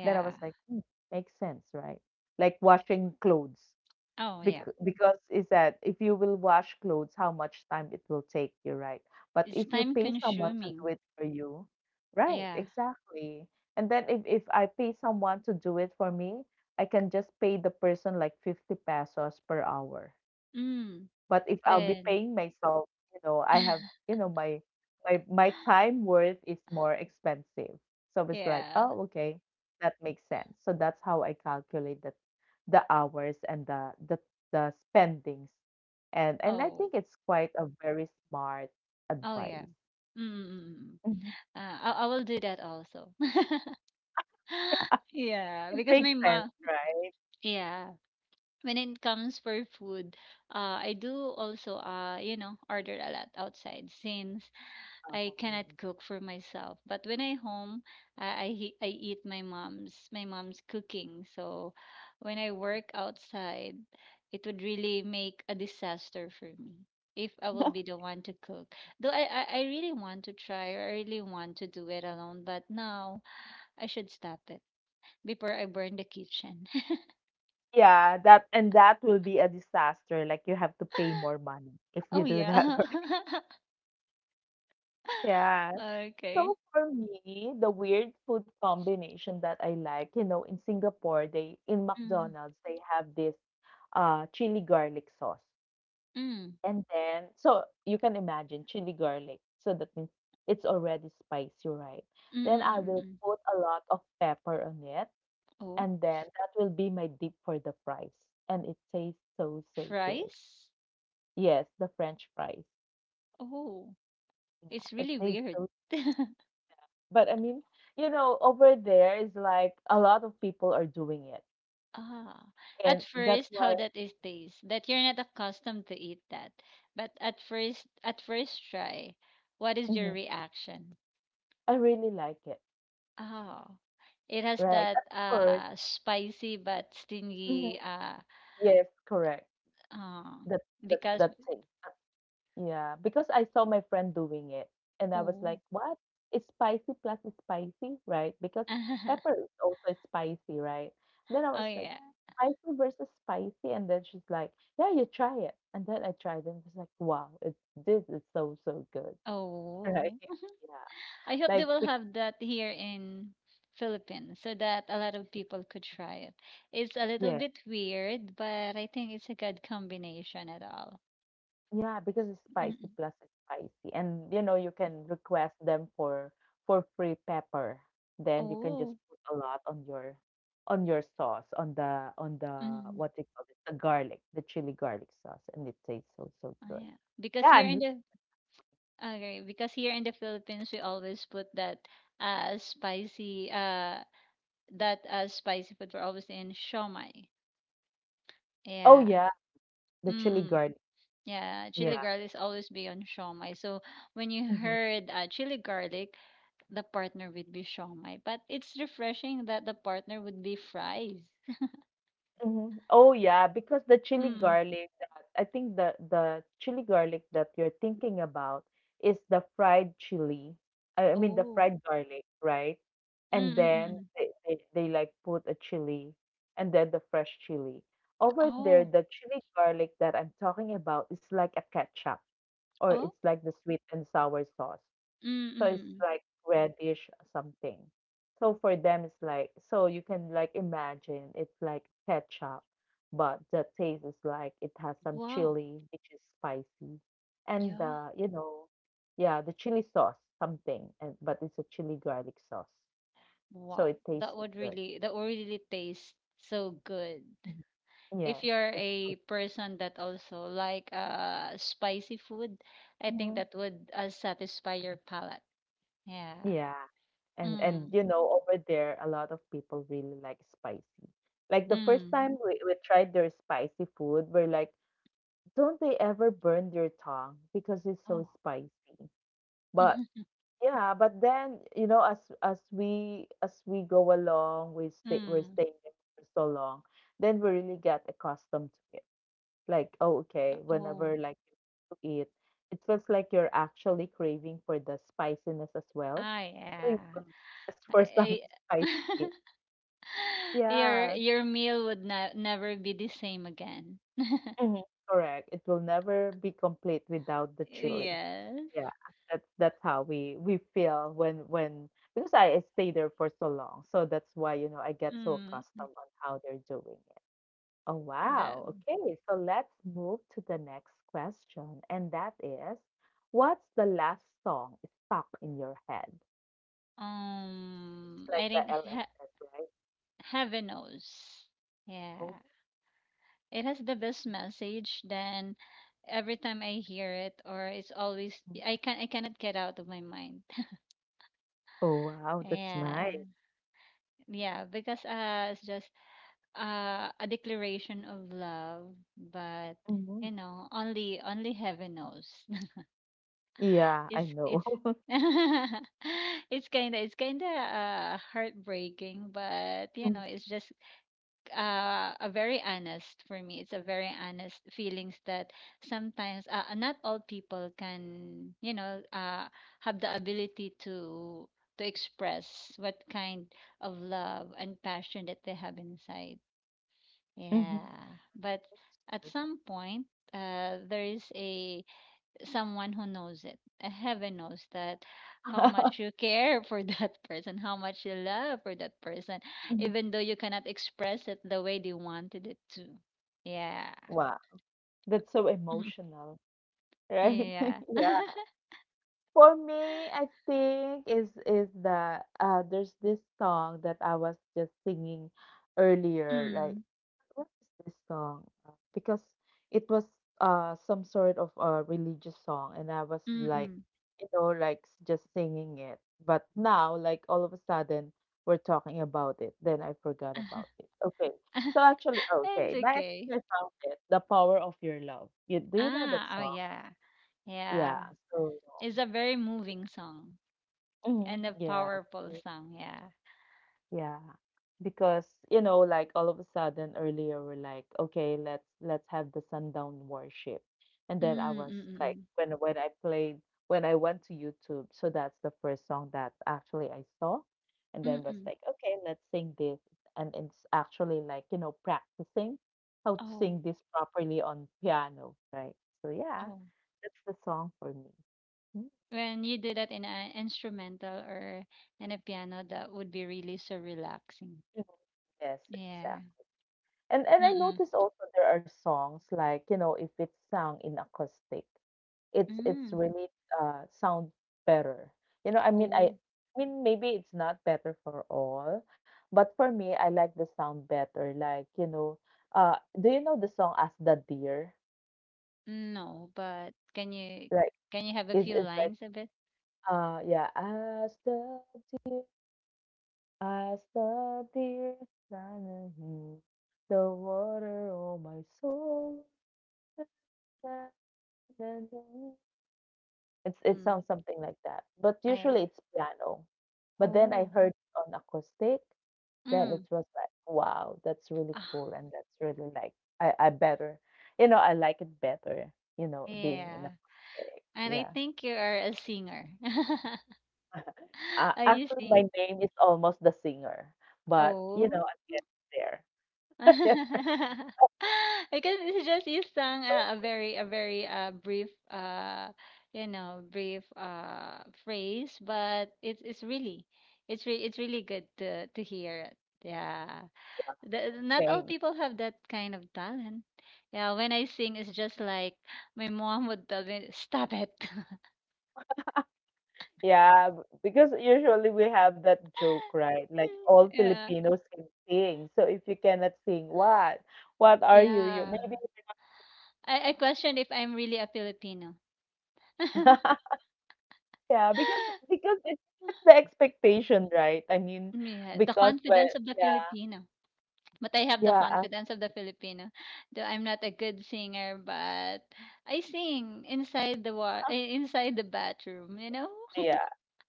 Speaker 1: Then I was like, hmm, makes sense, right? Like washing clothes.
Speaker 2: Oh, yeah.
Speaker 1: Because is that if you will wash clothes, how much time it will take you, right? But
Speaker 2: It's
Speaker 1: if you
Speaker 2: time
Speaker 1: pay someone to
Speaker 2: consuming.
Speaker 1: do it for you, right,
Speaker 2: Yeah.
Speaker 1: exactly. And then if I pay someone to do it for me, I can just pay the person like 50 pesos per hour.
Speaker 2: Mm.
Speaker 1: But if I'll be paying
Speaker 2: Then.
Speaker 1: myself, you know, I have, you
Speaker 2: [LAUGHS]
Speaker 1: know, my time worth is more expensive. So it's like, oh,
Speaker 2: Yeah.
Speaker 1: okay, that makes sense. So that's how I calculate that the hours and the spendings. And I think
Speaker 2: Oh.
Speaker 1: it's quite a very smart
Speaker 2: Oh,
Speaker 1: advice.
Speaker 2: yeah. Mm. Mm, mm, mm.
Speaker 1: Mhm. Yeah.
Speaker 2: I will do that also. [LAUGHS] Yeah.
Speaker 1: It
Speaker 2: Because
Speaker 1: makes
Speaker 2: my
Speaker 1: sense,
Speaker 2: mom.
Speaker 1: right?
Speaker 2: Yeah. When it comes for food, I do also, you know, order a lot outside since I
Speaker 1: Oh.
Speaker 2: cannot cook for myself. But when I home, I eat my mom's cooking. So when I work outside, it would really make a disaster for me if I will be the
Speaker 1: [LAUGHS]
Speaker 2: one to cook. Though I really want to try, or I really want to do it alone, but now I should stop it before I burn the kitchen.
Speaker 1: Yeah, that and that will be a disaster. Like you have to pay more money if
Speaker 2: [LAUGHS]
Speaker 1: you
Speaker 2: Oh
Speaker 1: do that.
Speaker 2: yeah.
Speaker 1: [LAUGHS] Yeah.
Speaker 2: [LAUGHS] Okay.
Speaker 1: So for me, the weird food combination that I like, you know, in Singapore, they in
Speaker 2: Mm,
Speaker 1: McDonald's they have this chili garlic sauce.
Speaker 2: mm, mm,
Speaker 1: And then so you can imagine chili garlic. So that means it's already spicy, right?
Speaker 2: mm,
Speaker 1: Then
Speaker 2: mm,
Speaker 1: I
Speaker 2: mm.
Speaker 1: will
Speaker 2: mm.
Speaker 1: put a lot of pepper on it,
Speaker 2: Oh,
Speaker 1: and then that will be my dip for the fries. And it tastes so, so good.
Speaker 2: fries?
Speaker 1: Yes, the French fries.
Speaker 2: Oh.
Speaker 1: Yeah,
Speaker 2: It's
Speaker 1: it
Speaker 2: really
Speaker 1: tastes
Speaker 2: weird.
Speaker 1: so.
Speaker 2: [LAUGHS]
Speaker 1: But I mean, you know, over there is like a lot of people are doing it.
Speaker 2: Ah, at
Speaker 1: And that's
Speaker 2: first, how
Speaker 1: why
Speaker 2: that is taste that you're not accustomed to eat that. But at first try, what is your
Speaker 1: mhm,
Speaker 2: reaction?
Speaker 1: I really like it,
Speaker 2: Oh, it has
Speaker 1: right?
Speaker 2: that
Speaker 1: At first,
Speaker 2: spicy but
Speaker 1: mhm,
Speaker 2: stingy
Speaker 1: yes, correct.
Speaker 2: um
Speaker 1: That that
Speaker 2: because
Speaker 1: that thing. Yeah, because I saw my friend doing it and I was
Speaker 2: oh
Speaker 1: like, what? It's spicy plus it's spicy, right? Because pepper is
Speaker 2: [LAUGHS]
Speaker 1: also spicy, right? Then I was
Speaker 2: oh
Speaker 1: like,
Speaker 2: yeah
Speaker 1: spicy versus spicy. And then she's like, yeah, you try it. And then I tried and it was like, wow, it, this is so, so good. Right.
Speaker 2: oh
Speaker 1: Yeah.
Speaker 2: I hope they
Speaker 1: Like,
Speaker 2: will have that here in Philippines so that a lot of people could try it. It's a little
Speaker 1: yeah.
Speaker 2: bit weird, but I think it's a good combination at all.
Speaker 1: Yeah, because it's spicy
Speaker 2: Mm-mm.
Speaker 1: plus it's spicy. And you know, you can request them for free pepper. Then you can just
Speaker 2: Oh,
Speaker 1: put a lot on your sauce, on the
Speaker 2: mm,
Speaker 1: what do you call it, the garlic, the chili garlic sauce, and it tastes so so
Speaker 2: oh,
Speaker 1: good.
Speaker 2: yeah. Because
Speaker 1: Yeah, I
Speaker 2: here in
Speaker 1: mean,
Speaker 2: the okay, because here in the Philippines we always put that spicy that spicy food we're always in shawmai.
Speaker 1: oh
Speaker 2: Yeah.
Speaker 1: yeah, the chili
Speaker 2: Mm-mm.
Speaker 1: garlic.
Speaker 2: Yeah, chili
Speaker 1: Yeah.
Speaker 2: garlic is always be on shawmai. So when you
Speaker 1: Mm-hmm.
Speaker 2: heard, chili garlic, the partner would be shawmai. But it's refreshing that the partner would be fries.
Speaker 1: Mhm. Oh yeah, because the chili
Speaker 2: Mm.
Speaker 1: garlic that I think the chili garlic that you're thinking about is the fried chili. I mean the
Speaker 2: Oh.
Speaker 1: fried garlic, right? And then
Speaker 2: Mm-mm-mm.
Speaker 1: they like put a chili and then the fresh chili. Over there,
Speaker 2: Oh.
Speaker 1: the chili garlic that I'm talking about is like a ketchup or
Speaker 2: Oh.
Speaker 1: it's like the sweet and sour sauce. So it's
Speaker 2: Mm-mm.
Speaker 1: like reddish something. So for them, it's like, so you can like imagine it's like ketchup, but the taste is like it has some
Speaker 2: Wow.
Speaker 1: chili, which is spicy, and
Speaker 2: Yeah.
Speaker 1: yeah, the chili sauce something, and but it's a chili garlic sauce, so
Speaker 2: Wow.
Speaker 1: it tastes so good.
Speaker 2: That would really taste so good.
Speaker 1: Mhm.
Speaker 2: If
Speaker 1: Yes,
Speaker 2: you're
Speaker 1: it's so-
Speaker 2: a person that also like spicy food, I think
Speaker 1: Mhm.
Speaker 2: that would, satisfy your palate. Yeah.
Speaker 1: Yeah, and
Speaker 2: Mm.
Speaker 1: you know, over there, a lot of people really like spicy. Like the first
Speaker 2: Mm.
Speaker 1: time we tried their spicy food, we're like, don't they ever burn their tongue because it's so
Speaker 2: Oh.
Speaker 1: spicy? But
Speaker 2: [LAUGHS]
Speaker 1: yeah, but then you know, as we go along, we stay we're
Speaker 2: Mm.
Speaker 1: staying there for so long, then we really get accustomed to it. Like, oh, okay,
Speaker 2: Oh.
Speaker 1: whenever like you eat, it feels like you're actually craving for the spiciness as well.
Speaker 2: Ah,
Speaker 1: So you
Speaker 2: yeah.
Speaker 1: go ask for some
Speaker 2: Eh,
Speaker 1: [LAUGHS]
Speaker 2: [LAUGHS]
Speaker 1: spicy. Yeah.
Speaker 2: your meal would never be the same again.
Speaker 1: Mhm, correct. It will never be complete without the chili.
Speaker 2: Yes.
Speaker 1: Yeah, that's how we feel when because I stay there for so long, so that's why you know I get so
Speaker 2: Mm,
Speaker 1: accustomed on how they're doing it. Oh
Speaker 2: that
Speaker 1: wow. Okay, so let's move to the next question, and that is, what's the last song stuck in your head?
Speaker 2: um
Speaker 1: It's like
Speaker 2: I
Speaker 1: the
Speaker 2: think he-
Speaker 1: LSS, right?
Speaker 2: heaven knows.
Speaker 1: Oh,
Speaker 2: Yeah. It has the best message. Then every time I hear it, or it's always,
Speaker 1: mhm.
Speaker 2: I can, I cannot get out of my mind. [LAUGHS]
Speaker 1: Oh wow, that's
Speaker 2: Yeah.
Speaker 1: nice.
Speaker 2: Yeah, because it's just a declaration of love, but you
Speaker 1: Mhm.
Speaker 2: know, only only heaven knows.
Speaker 1: Yeah,
Speaker 2: it's
Speaker 1: I
Speaker 2: it's
Speaker 1: know. [LAUGHS]
Speaker 2: [LAUGHS] it's kind of heartbreaking, but
Speaker 1: Mhm.
Speaker 2: it's just, a very honest, for me it's a very honest feelings that sometimes, not all people can, have the ability to express what kind of love and passion that they have inside. Yeah, but at
Speaker 1: Mhm.
Speaker 2: some point, there is a someone who knows it. Heaven knows that how much you
Speaker 1: [LAUGHS]
Speaker 2: care for that [LAUGHS] person, how much you love for that person, even though you cannot express it the way they wanted it to. Yeah.
Speaker 1: Wow, that's so
Speaker 2: [LAUGHS]
Speaker 1: emotional, right?
Speaker 2: Yeah.
Speaker 1: [LAUGHS]
Speaker 2: [LAUGHS]
Speaker 1: Yeah. For me, I think is the there's this song that I was just singing earlier, like,
Speaker 2: Mm.
Speaker 1: what is this song? Because it was some sort of a religious song, and I was like,
Speaker 2: Mm-mm.
Speaker 1: you know, like s- just singing it. But now, like all of a sudden, we're talking about it. Then I forgot about it. Okay. So
Speaker 2: [LAUGHS]
Speaker 1: actually,
Speaker 2: It's
Speaker 1: okay, now I
Speaker 2: okay.
Speaker 1: think I found it. The Power of Your Love. You, do you know that
Speaker 2: Ah, oh
Speaker 1: song?
Speaker 2: yeah.
Speaker 1: Yeah.
Speaker 2: Yeah.
Speaker 1: So,
Speaker 2: It's a very moving song
Speaker 1: mm-hmm,
Speaker 2: and a
Speaker 1: yeah.
Speaker 2: powerful
Speaker 1: So
Speaker 2: song, yeah.
Speaker 1: yeah. Because, you know, like all of a sudden earlier we're like, okay, let's have the sundown worship. And then I was like
Speaker 2: Mm-mm.
Speaker 1: when I played when I went to YouTube, so that's the first song that actually I saw. And then was
Speaker 2: Mm-mm.
Speaker 1: like, okay, let's sing this. And it's actually like, you know, practicing how to
Speaker 2: Oh,
Speaker 1: sing this properly on piano, right? So yeah,
Speaker 2: oh.
Speaker 1: that's the song for me. Mhm.
Speaker 2: When you do that in an instrumental or in a piano, that would be really so relaxing.
Speaker 1: Yes,
Speaker 2: Yeah.
Speaker 1: exactly. And I
Speaker 2: Mm-mm.
Speaker 1: notice also there are songs like, you know, if it's sung in acoustic, it's
Speaker 2: Mm.
Speaker 1: really sound better. You know, I mean I
Speaker 2: Oh,
Speaker 1: I mean maybe it's not better for all, but for me I like the sound better. Like, you know, do you know the song As the Deer?
Speaker 2: no, but can you
Speaker 1: Like
Speaker 2: can you have a
Speaker 1: is it's
Speaker 2: few
Speaker 1: it's like
Speaker 2: lines of it?
Speaker 1: yeah, as the deer, as the deer climbing the water, oh my soul. [LAUGHS] It's it
Speaker 2: Mm.
Speaker 1: sounds something like that, but
Speaker 2: Ah, yeah.
Speaker 1: usually it's piano. But then I
Speaker 2: Oh.
Speaker 1: heard it on acoustic, then it
Speaker 2: Mm.
Speaker 1: was like, wow, that's really
Speaker 2: Ah,
Speaker 1: cool and that's really like I better, you know, I like it better, you know, being in
Speaker 2: yeah.
Speaker 1: acoustic.
Speaker 2: And I
Speaker 1: Yeah.
Speaker 2: think you are a singer. [LAUGHS]
Speaker 1: [LAUGHS]
Speaker 2: Are you
Speaker 1: Actually,
Speaker 2: sing?
Speaker 1: my name is almost the singer, but you know,
Speaker 2: Oh.
Speaker 1: I get there. [LAUGHS] Yeah.
Speaker 2: [LAUGHS] I can just use sang,
Speaker 1: So,
Speaker 2: a very brief, brief, phrase, but it's really, it's really good to hear it. Yeah,
Speaker 1: you
Speaker 2: the,
Speaker 1: know,
Speaker 2: not all
Speaker 1: thanks.
Speaker 2: people have that kind of talent. Yeah, when I sing, it's just like my mom would tell me, "Stop it."
Speaker 1: Yeah, b- because usually we have that joke, right? Like
Speaker 2: [LAUGHS]
Speaker 1: all
Speaker 2: Yeah,
Speaker 1: Filipinos can sing. So if you cannot sing, what? What are you? You're
Speaker 2: yeah.
Speaker 1: maybe
Speaker 2: I question if I'm really a Filipino. [LAUGHS]
Speaker 1: [LAUGHS] yeah, because it, that's the expectation, right? I mean,
Speaker 2: Yeah, the
Speaker 1: because when
Speaker 2: confidence of the
Speaker 1: yeah,
Speaker 2: Filipino. But I have the
Speaker 1: yeah,
Speaker 2: confidence of the Filipino. Though I'm not a good singer, but I sing inside the inside the bathroom, you know?
Speaker 1: yeah,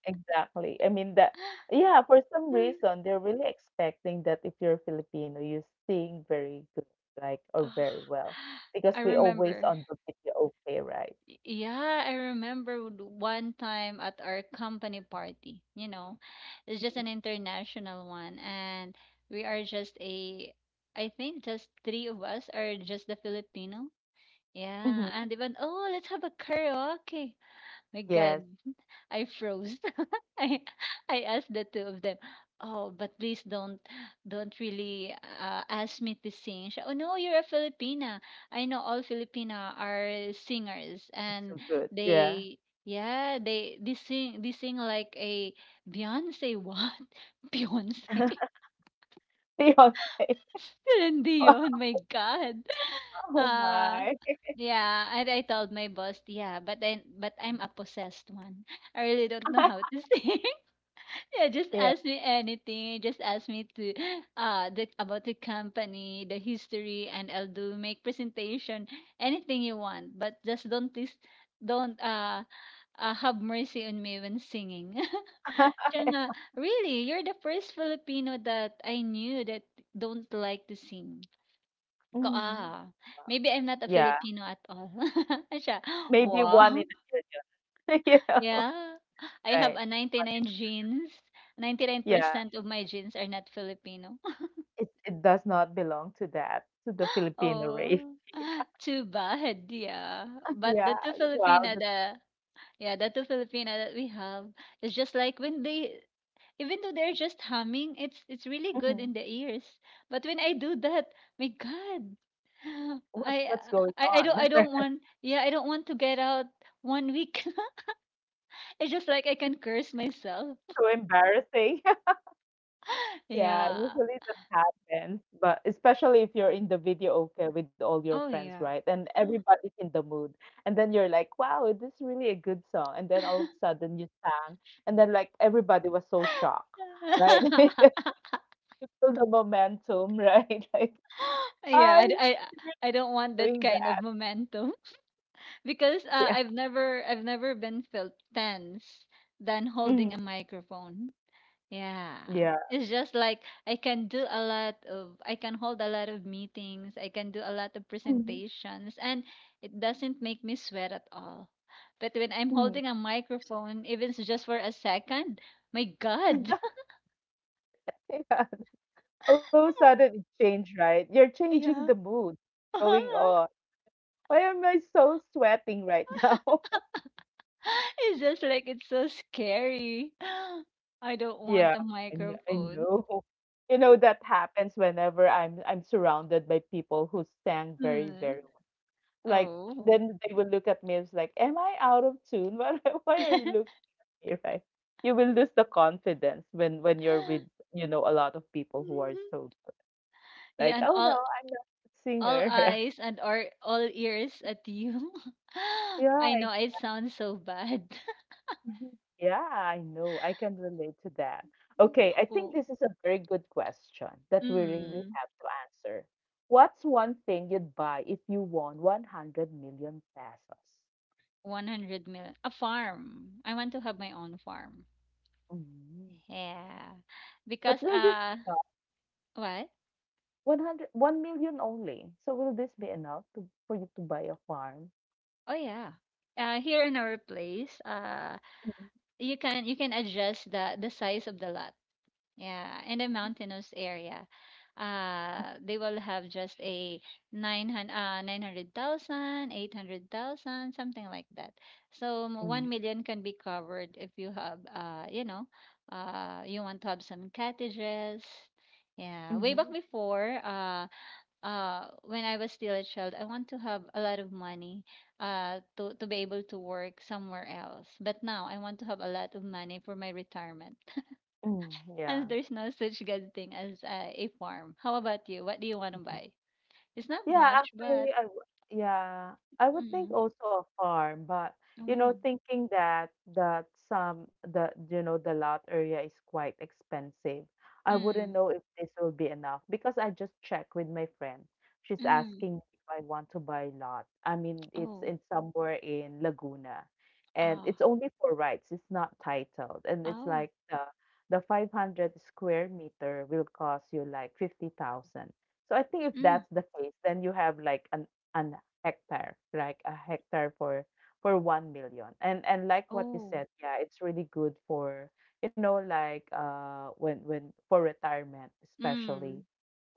Speaker 1: exactly. I mean that yeah, for some
Speaker 2: [LAUGHS]
Speaker 1: reason they're really expecting that if you're Filipino, you sing very good, like or very
Speaker 2: Ah,
Speaker 1: well, because
Speaker 2: I
Speaker 1: we always
Speaker 2: remember.
Speaker 1: on the video, okay, right?
Speaker 2: Yeah, I remember, one time at our company party, you know. It's just an
Speaker 1: Mm-hmm.
Speaker 2: international one, and we are just a, I think just three of us are just the Filipino. Yeah,
Speaker 1: Mm-hmm.
Speaker 2: and even, oh, let's have a karaoke. My
Speaker 1: Yes.
Speaker 2: God, [LAUGHS] I froze. [LAUGHS] I I asked the two of them, "Oh, but please don't really, ask me to sing." Siya, "Oh, no, you're a Filipina. I know all Filipina are singers, and
Speaker 1: So good, yeah.
Speaker 2: they, yeah, they sing like a Beyonce," [LAUGHS] what? Beyonce. [LAUGHS]
Speaker 1: [LAUGHS] Fiancé.
Speaker 2: Celine
Speaker 1: [LAUGHS]
Speaker 2: Dion, my God.
Speaker 1: Oh
Speaker 2: Uh,
Speaker 1: my.
Speaker 2: yeah, and I told my boss, yeah, but I'm a possessed one. [LAUGHS] I really don't know how to
Speaker 1: [LAUGHS]
Speaker 2: sing. [LAUGHS] Yeah, just
Speaker 1: Yeah.
Speaker 2: ask me anything. Just ask me to, the about the company, the history, and I'll do make presentation, anything you want. But just don't, please don't have mercy on me when singing. [LAUGHS]
Speaker 1: [LAUGHS]
Speaker 2: Siya nga, really, you're the first Filipino that I knew that don't like to sing. Ko
Speaker 1: Mhm.
Speaker 2: ah, maybe I'm not a
Speaker 1: Yeah,
Speaker 2: Filipino at all. [LAUGHS] Siya,
Speaker 1: maybe one in
Speaker 2: wow.
Speaker 1: a million. [LAUGHS] You know.
Speaker 2: Yeah. I have a
Speaker 1: Right.
Speaker 2: 99 genes.
Speaker 1: Yeah.
Speaker 2: 99% of my genes are not Filipino. [LAUGHS]
Speaker 1: It does not belong to that, to the Filipino race.
Speaker 2: Oh, too bad. Yeah.
Speaker 1: [LAUGHS]
Speaker 2: But the
Speaker 1: Yeah.
Speaker 2: two
Speaker 1: Wow.
Speaker 2: Filipino,
Speaker 1: That's
Speaker 2: the, yeah, the two Filipino that we have is just like when they, even though they're just humming, it's really good in
Speaker 1: Mhm.
Speaker 2: the ears. But when I do that, my God, [SIGHS]
Speaker 1: What
Speaker 2: I
Speaker 1: what's going
Speaker 2: I
Speaker 1: on?
Speaker 2: don't I
Speaker 1: [LAUGHS]
Speaker 2: don't want, yeah, I don't want to get out one week. [LAUGHS] It's just like I can curse myself.
Speaker 1: So embarrassing. Yeah,
Speaker 2: Yeah.
Speaker 1: usually that happens, but especially if you're in the video okay with all your
Speaker 2: Oh,
Speaker 1: friends, right?
Speaker 2: yeah.
Speaker 1: And everybody's in the mood. And then you're like, wow, this is really a good song. And then all of a sudden you sang, and then like everybody was so shocked, right? [LAUGHS]
Speaker 2: [LAUGHS]
Speaker 1: So the momentum, right? [LAUGHS] Like,
Speaker 2: Yeah,
Speaker 1: are
Speaker 2: I, d-
Speaker 1: you
Speaker 2: I don't want
Speaker 1: really
Speaker 2: that
Speaker 1: doing
Speaker 2: kind of
Speaker 1: that?
Speaker 2: momentum. [LAUGHS] Because,
Speaker 1: Yeah.
Speaker 2: I've never been felt tense than
Speaker 1: Mhm.
Speaker 2: holding a microphone. Yeah.
Speaker 1: Yeah.
Speaker 2: It's just like I can hold a lot of meetings, I can do a lot of
Speaker 1: Mhm.
Speaker 2: presentations, and it doesn't make me sweat at all. But when I'm
Speaker 1: Mhm.
Speaker 2: holding a microphone, even just for a second, my God.
Speaker 1: Yeah. [LAUGHS] All of a
Speaker 2: [LAUGHS]
Speaker 1: sudden it changed, right? You're changing
Speaker 2: Yeah.
Speaker 1: the mood,
Speaker 2: [LAUGHS]
Speaker 1: going, oh, why am I so sweating right now? [LAUGHS]
Speaker 2: It's just like it's so scary. [GASPS] I don't want
Speaker 1: Yeah,
Speaker 2: a
Speaker 1: I
Speaker 2: microphone.
Speaker 1: know. [LAUGHS] You know, that happens whenever I'm surrounded by people who sang very,
Speaker 2: Mm.
Speaker 1: very well. Like,
Speaker 2: Oh.
Speaker 1: then they will look at me as like, "Am I out of tune? [LAUGHS] Why are you looking at me?" Right? You will lose the confidence when you're with,
Speaker 2: [LAUGHS]
Speaker 1: you know, a lot of people who are so
Speaker 2: Yeah,
Speaker 1: like,
Speaker 2: and
Speaker 1: "Oh,
Speaker 2: all
Speaker 1: no, I'm not a
Speaker 2: all
Speaker 1: singer," [LAUGHS] right?
Speaker 2: eyes, and or all ears at you. [LAUGHS] I
Speaker 1: Yeah.
Speaker 2: know it sounds so bad.
Speaker 1: Mhm. Yeah, I know. I can relate to that. Okay,
Speaker 2: [LAUGHS]
Speaker 1: I
Speaker 2: Oh,
Speaker 1: think this is a very good question that we really
Speaker 2: mm,
Speaker 1: have to answer. What's one thing you'd buy if you won 100 million pesos?
Speaker 2: 100 million. A farm. I want to have my own farm.
Speaker 1: Mm.
Speaker 2: Yeah. Because,
Speaker 1: But will this be enough?
Speaker 2: what?
Speaker 1: 100, only. So will this be enough to, for you to buy a farm?
Speaker 2: Oh, yeah. Here in our place,
Speaker 1: Mm.
Speaker 2: you can adjust the size of the lot. Yeah, in a mountainous area, they will have just a 900, 900,000, 800,000, something like that. So 1 million can be covered if you have, you know, you want to have some cottages. Yeah, way back
Speaker 1: Mm-hmm.
Speaker 2: before, when I was still a child, I want to have a lot of money, to be able to work somewhere else. But now I want to have a lot of money for my retirement,
Speaker 1: Mm,
Speaker 2: and
Speaker 1: yeah.
Speaker 2: there's no such good thing as, a farm. How about you? What do you want to
Speaker 1: Mm-hmm.
Speaker 2: buy? It's not
Speaker 1: Yeah,
Speaker 2: much, but
Speaker 1: actually, I w yeah, I would
Speaker 2: mm,
Speaker 1: think also a farm, but you know,
Speaker 2: mm,
Speaker 1: thinking that that some the you know the lot area is quite expensive. I
Speaker 2: mm,
Speaker 1: wouldn't know if this will be enough because I just checked with my friend. She's
Speaker 2: mm.
Speaker 1: asking me if I want to buy lot. I mean, it's
Speaker 2: Oh,
Speaker 1: in somewhere in Laguna, and
Speaker 2: ah,
Speaker 1: it's only for rights. It's not titled, and it's
Speaker 2: oh,
Speaker 1: like the 500 square meter will cost you like 50,000. So I think if
Speaker 2: mm,
Speaker 1: that's the case, then you have like an hectare, like a hectare for 1 million. And like what you
Speaker 2: oh,
Speaker 1: said, yeah, it's really good for you know like when for retirement
Speaker 2: mm.
Speaker 1: especially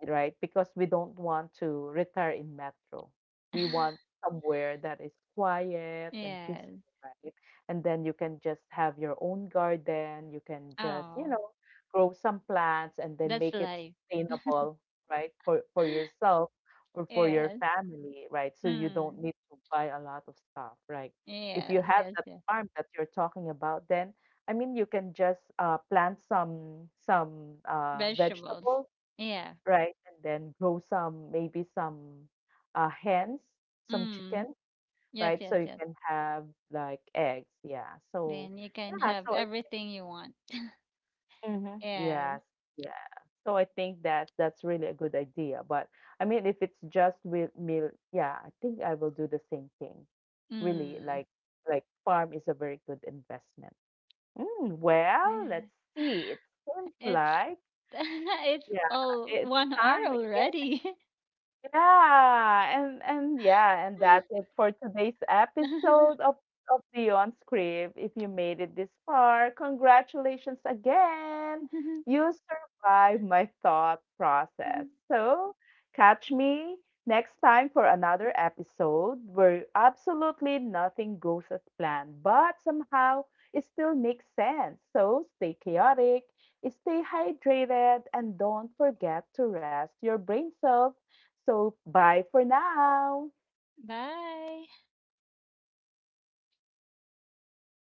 Speaker 1: right? Because we don't want to retire in metro. We
Speaker 2: [LAUGHS]
Speaker 1: want somewhere that is quiet and
Speaker 2: Yes.
Speaker 1: peaceful, right? And then you can just have your own garden. You can just,
Speaker 2: Oh,
Speaker 1: you know, grow some plants and then
Speaker 2: that's
Speaker 1: make it
Speaker 2: life. [GASPS]
Speaker 1: sustainable, right? For
Speaker 2: [LAUGHS]
Speaker 1: yourself or for
Speaker 2: Yes.
Speaker 1: your family, right? So you
Speaker 2: Mm.
Speaker 1: don't need to buy a lot of stuff, right? If
Speaker 2: Yes,
Speaker 1: you have
Speaker 2: yes,
Speaker 1: that
Speaker 2: yes.
Speaker 1: farm that you're talking about, then I mean, you can just plant some
Speaker 2: Vegetables.
Speaker 1: vegetables
Speaker 2: Yeah.
Speaker 1: right? And then grow some, maybe some hens, some
Speaker 2: Mm.
Speaker 1: chicken,
Speaker 2: Yes,
Speaker 1: right?
Speaker 2: yes,
Speaker 1: So you
Speaker 2: yes.
Speaker 1: can have like eggs. Yeah. So
Speaker 2: Then you can
Speaker 1: yeah.
Speaker 2: have
Speaker 1: So I,
Speaker 2: everything you want.
Speaker 1: mm Yes,
Speaker 2: Yes.
Speaker 1: yeah. So I think that that's really a good idea. But I mean, if it's just with meal, yeah, I think I will do the same thing. Really,
Speaker 2: Mm.
Speaker 1: like farm is a very good investment. Mm, well,
Speaker 2: Yeah.
Speaker 1: let's see. It seems
Speaker 2: It's
Speaker 1: like
Speaker 2: [LAUGHS] It's
Speaker 1: yeah,
Speaker 2: all
Speaker 1: it's
Speaker 2: one hour
Speaker 1: time.
Speaker 2: already.
Speaker 1: Yeah, and yeah, and that's it for today's episode
Speaker 2: [LAUGHS]
Speaker 1: of Beyond Script. If you made it this far, congratulations again. You survived my thought process. So, catch me next time for another episode where absolutely nothing goes as planned, but somehow it still makes sense. So, stay chaotic, stay hydrated, and don't forget to rest your brain cells so, bye for now.
Speaker 2: Bye.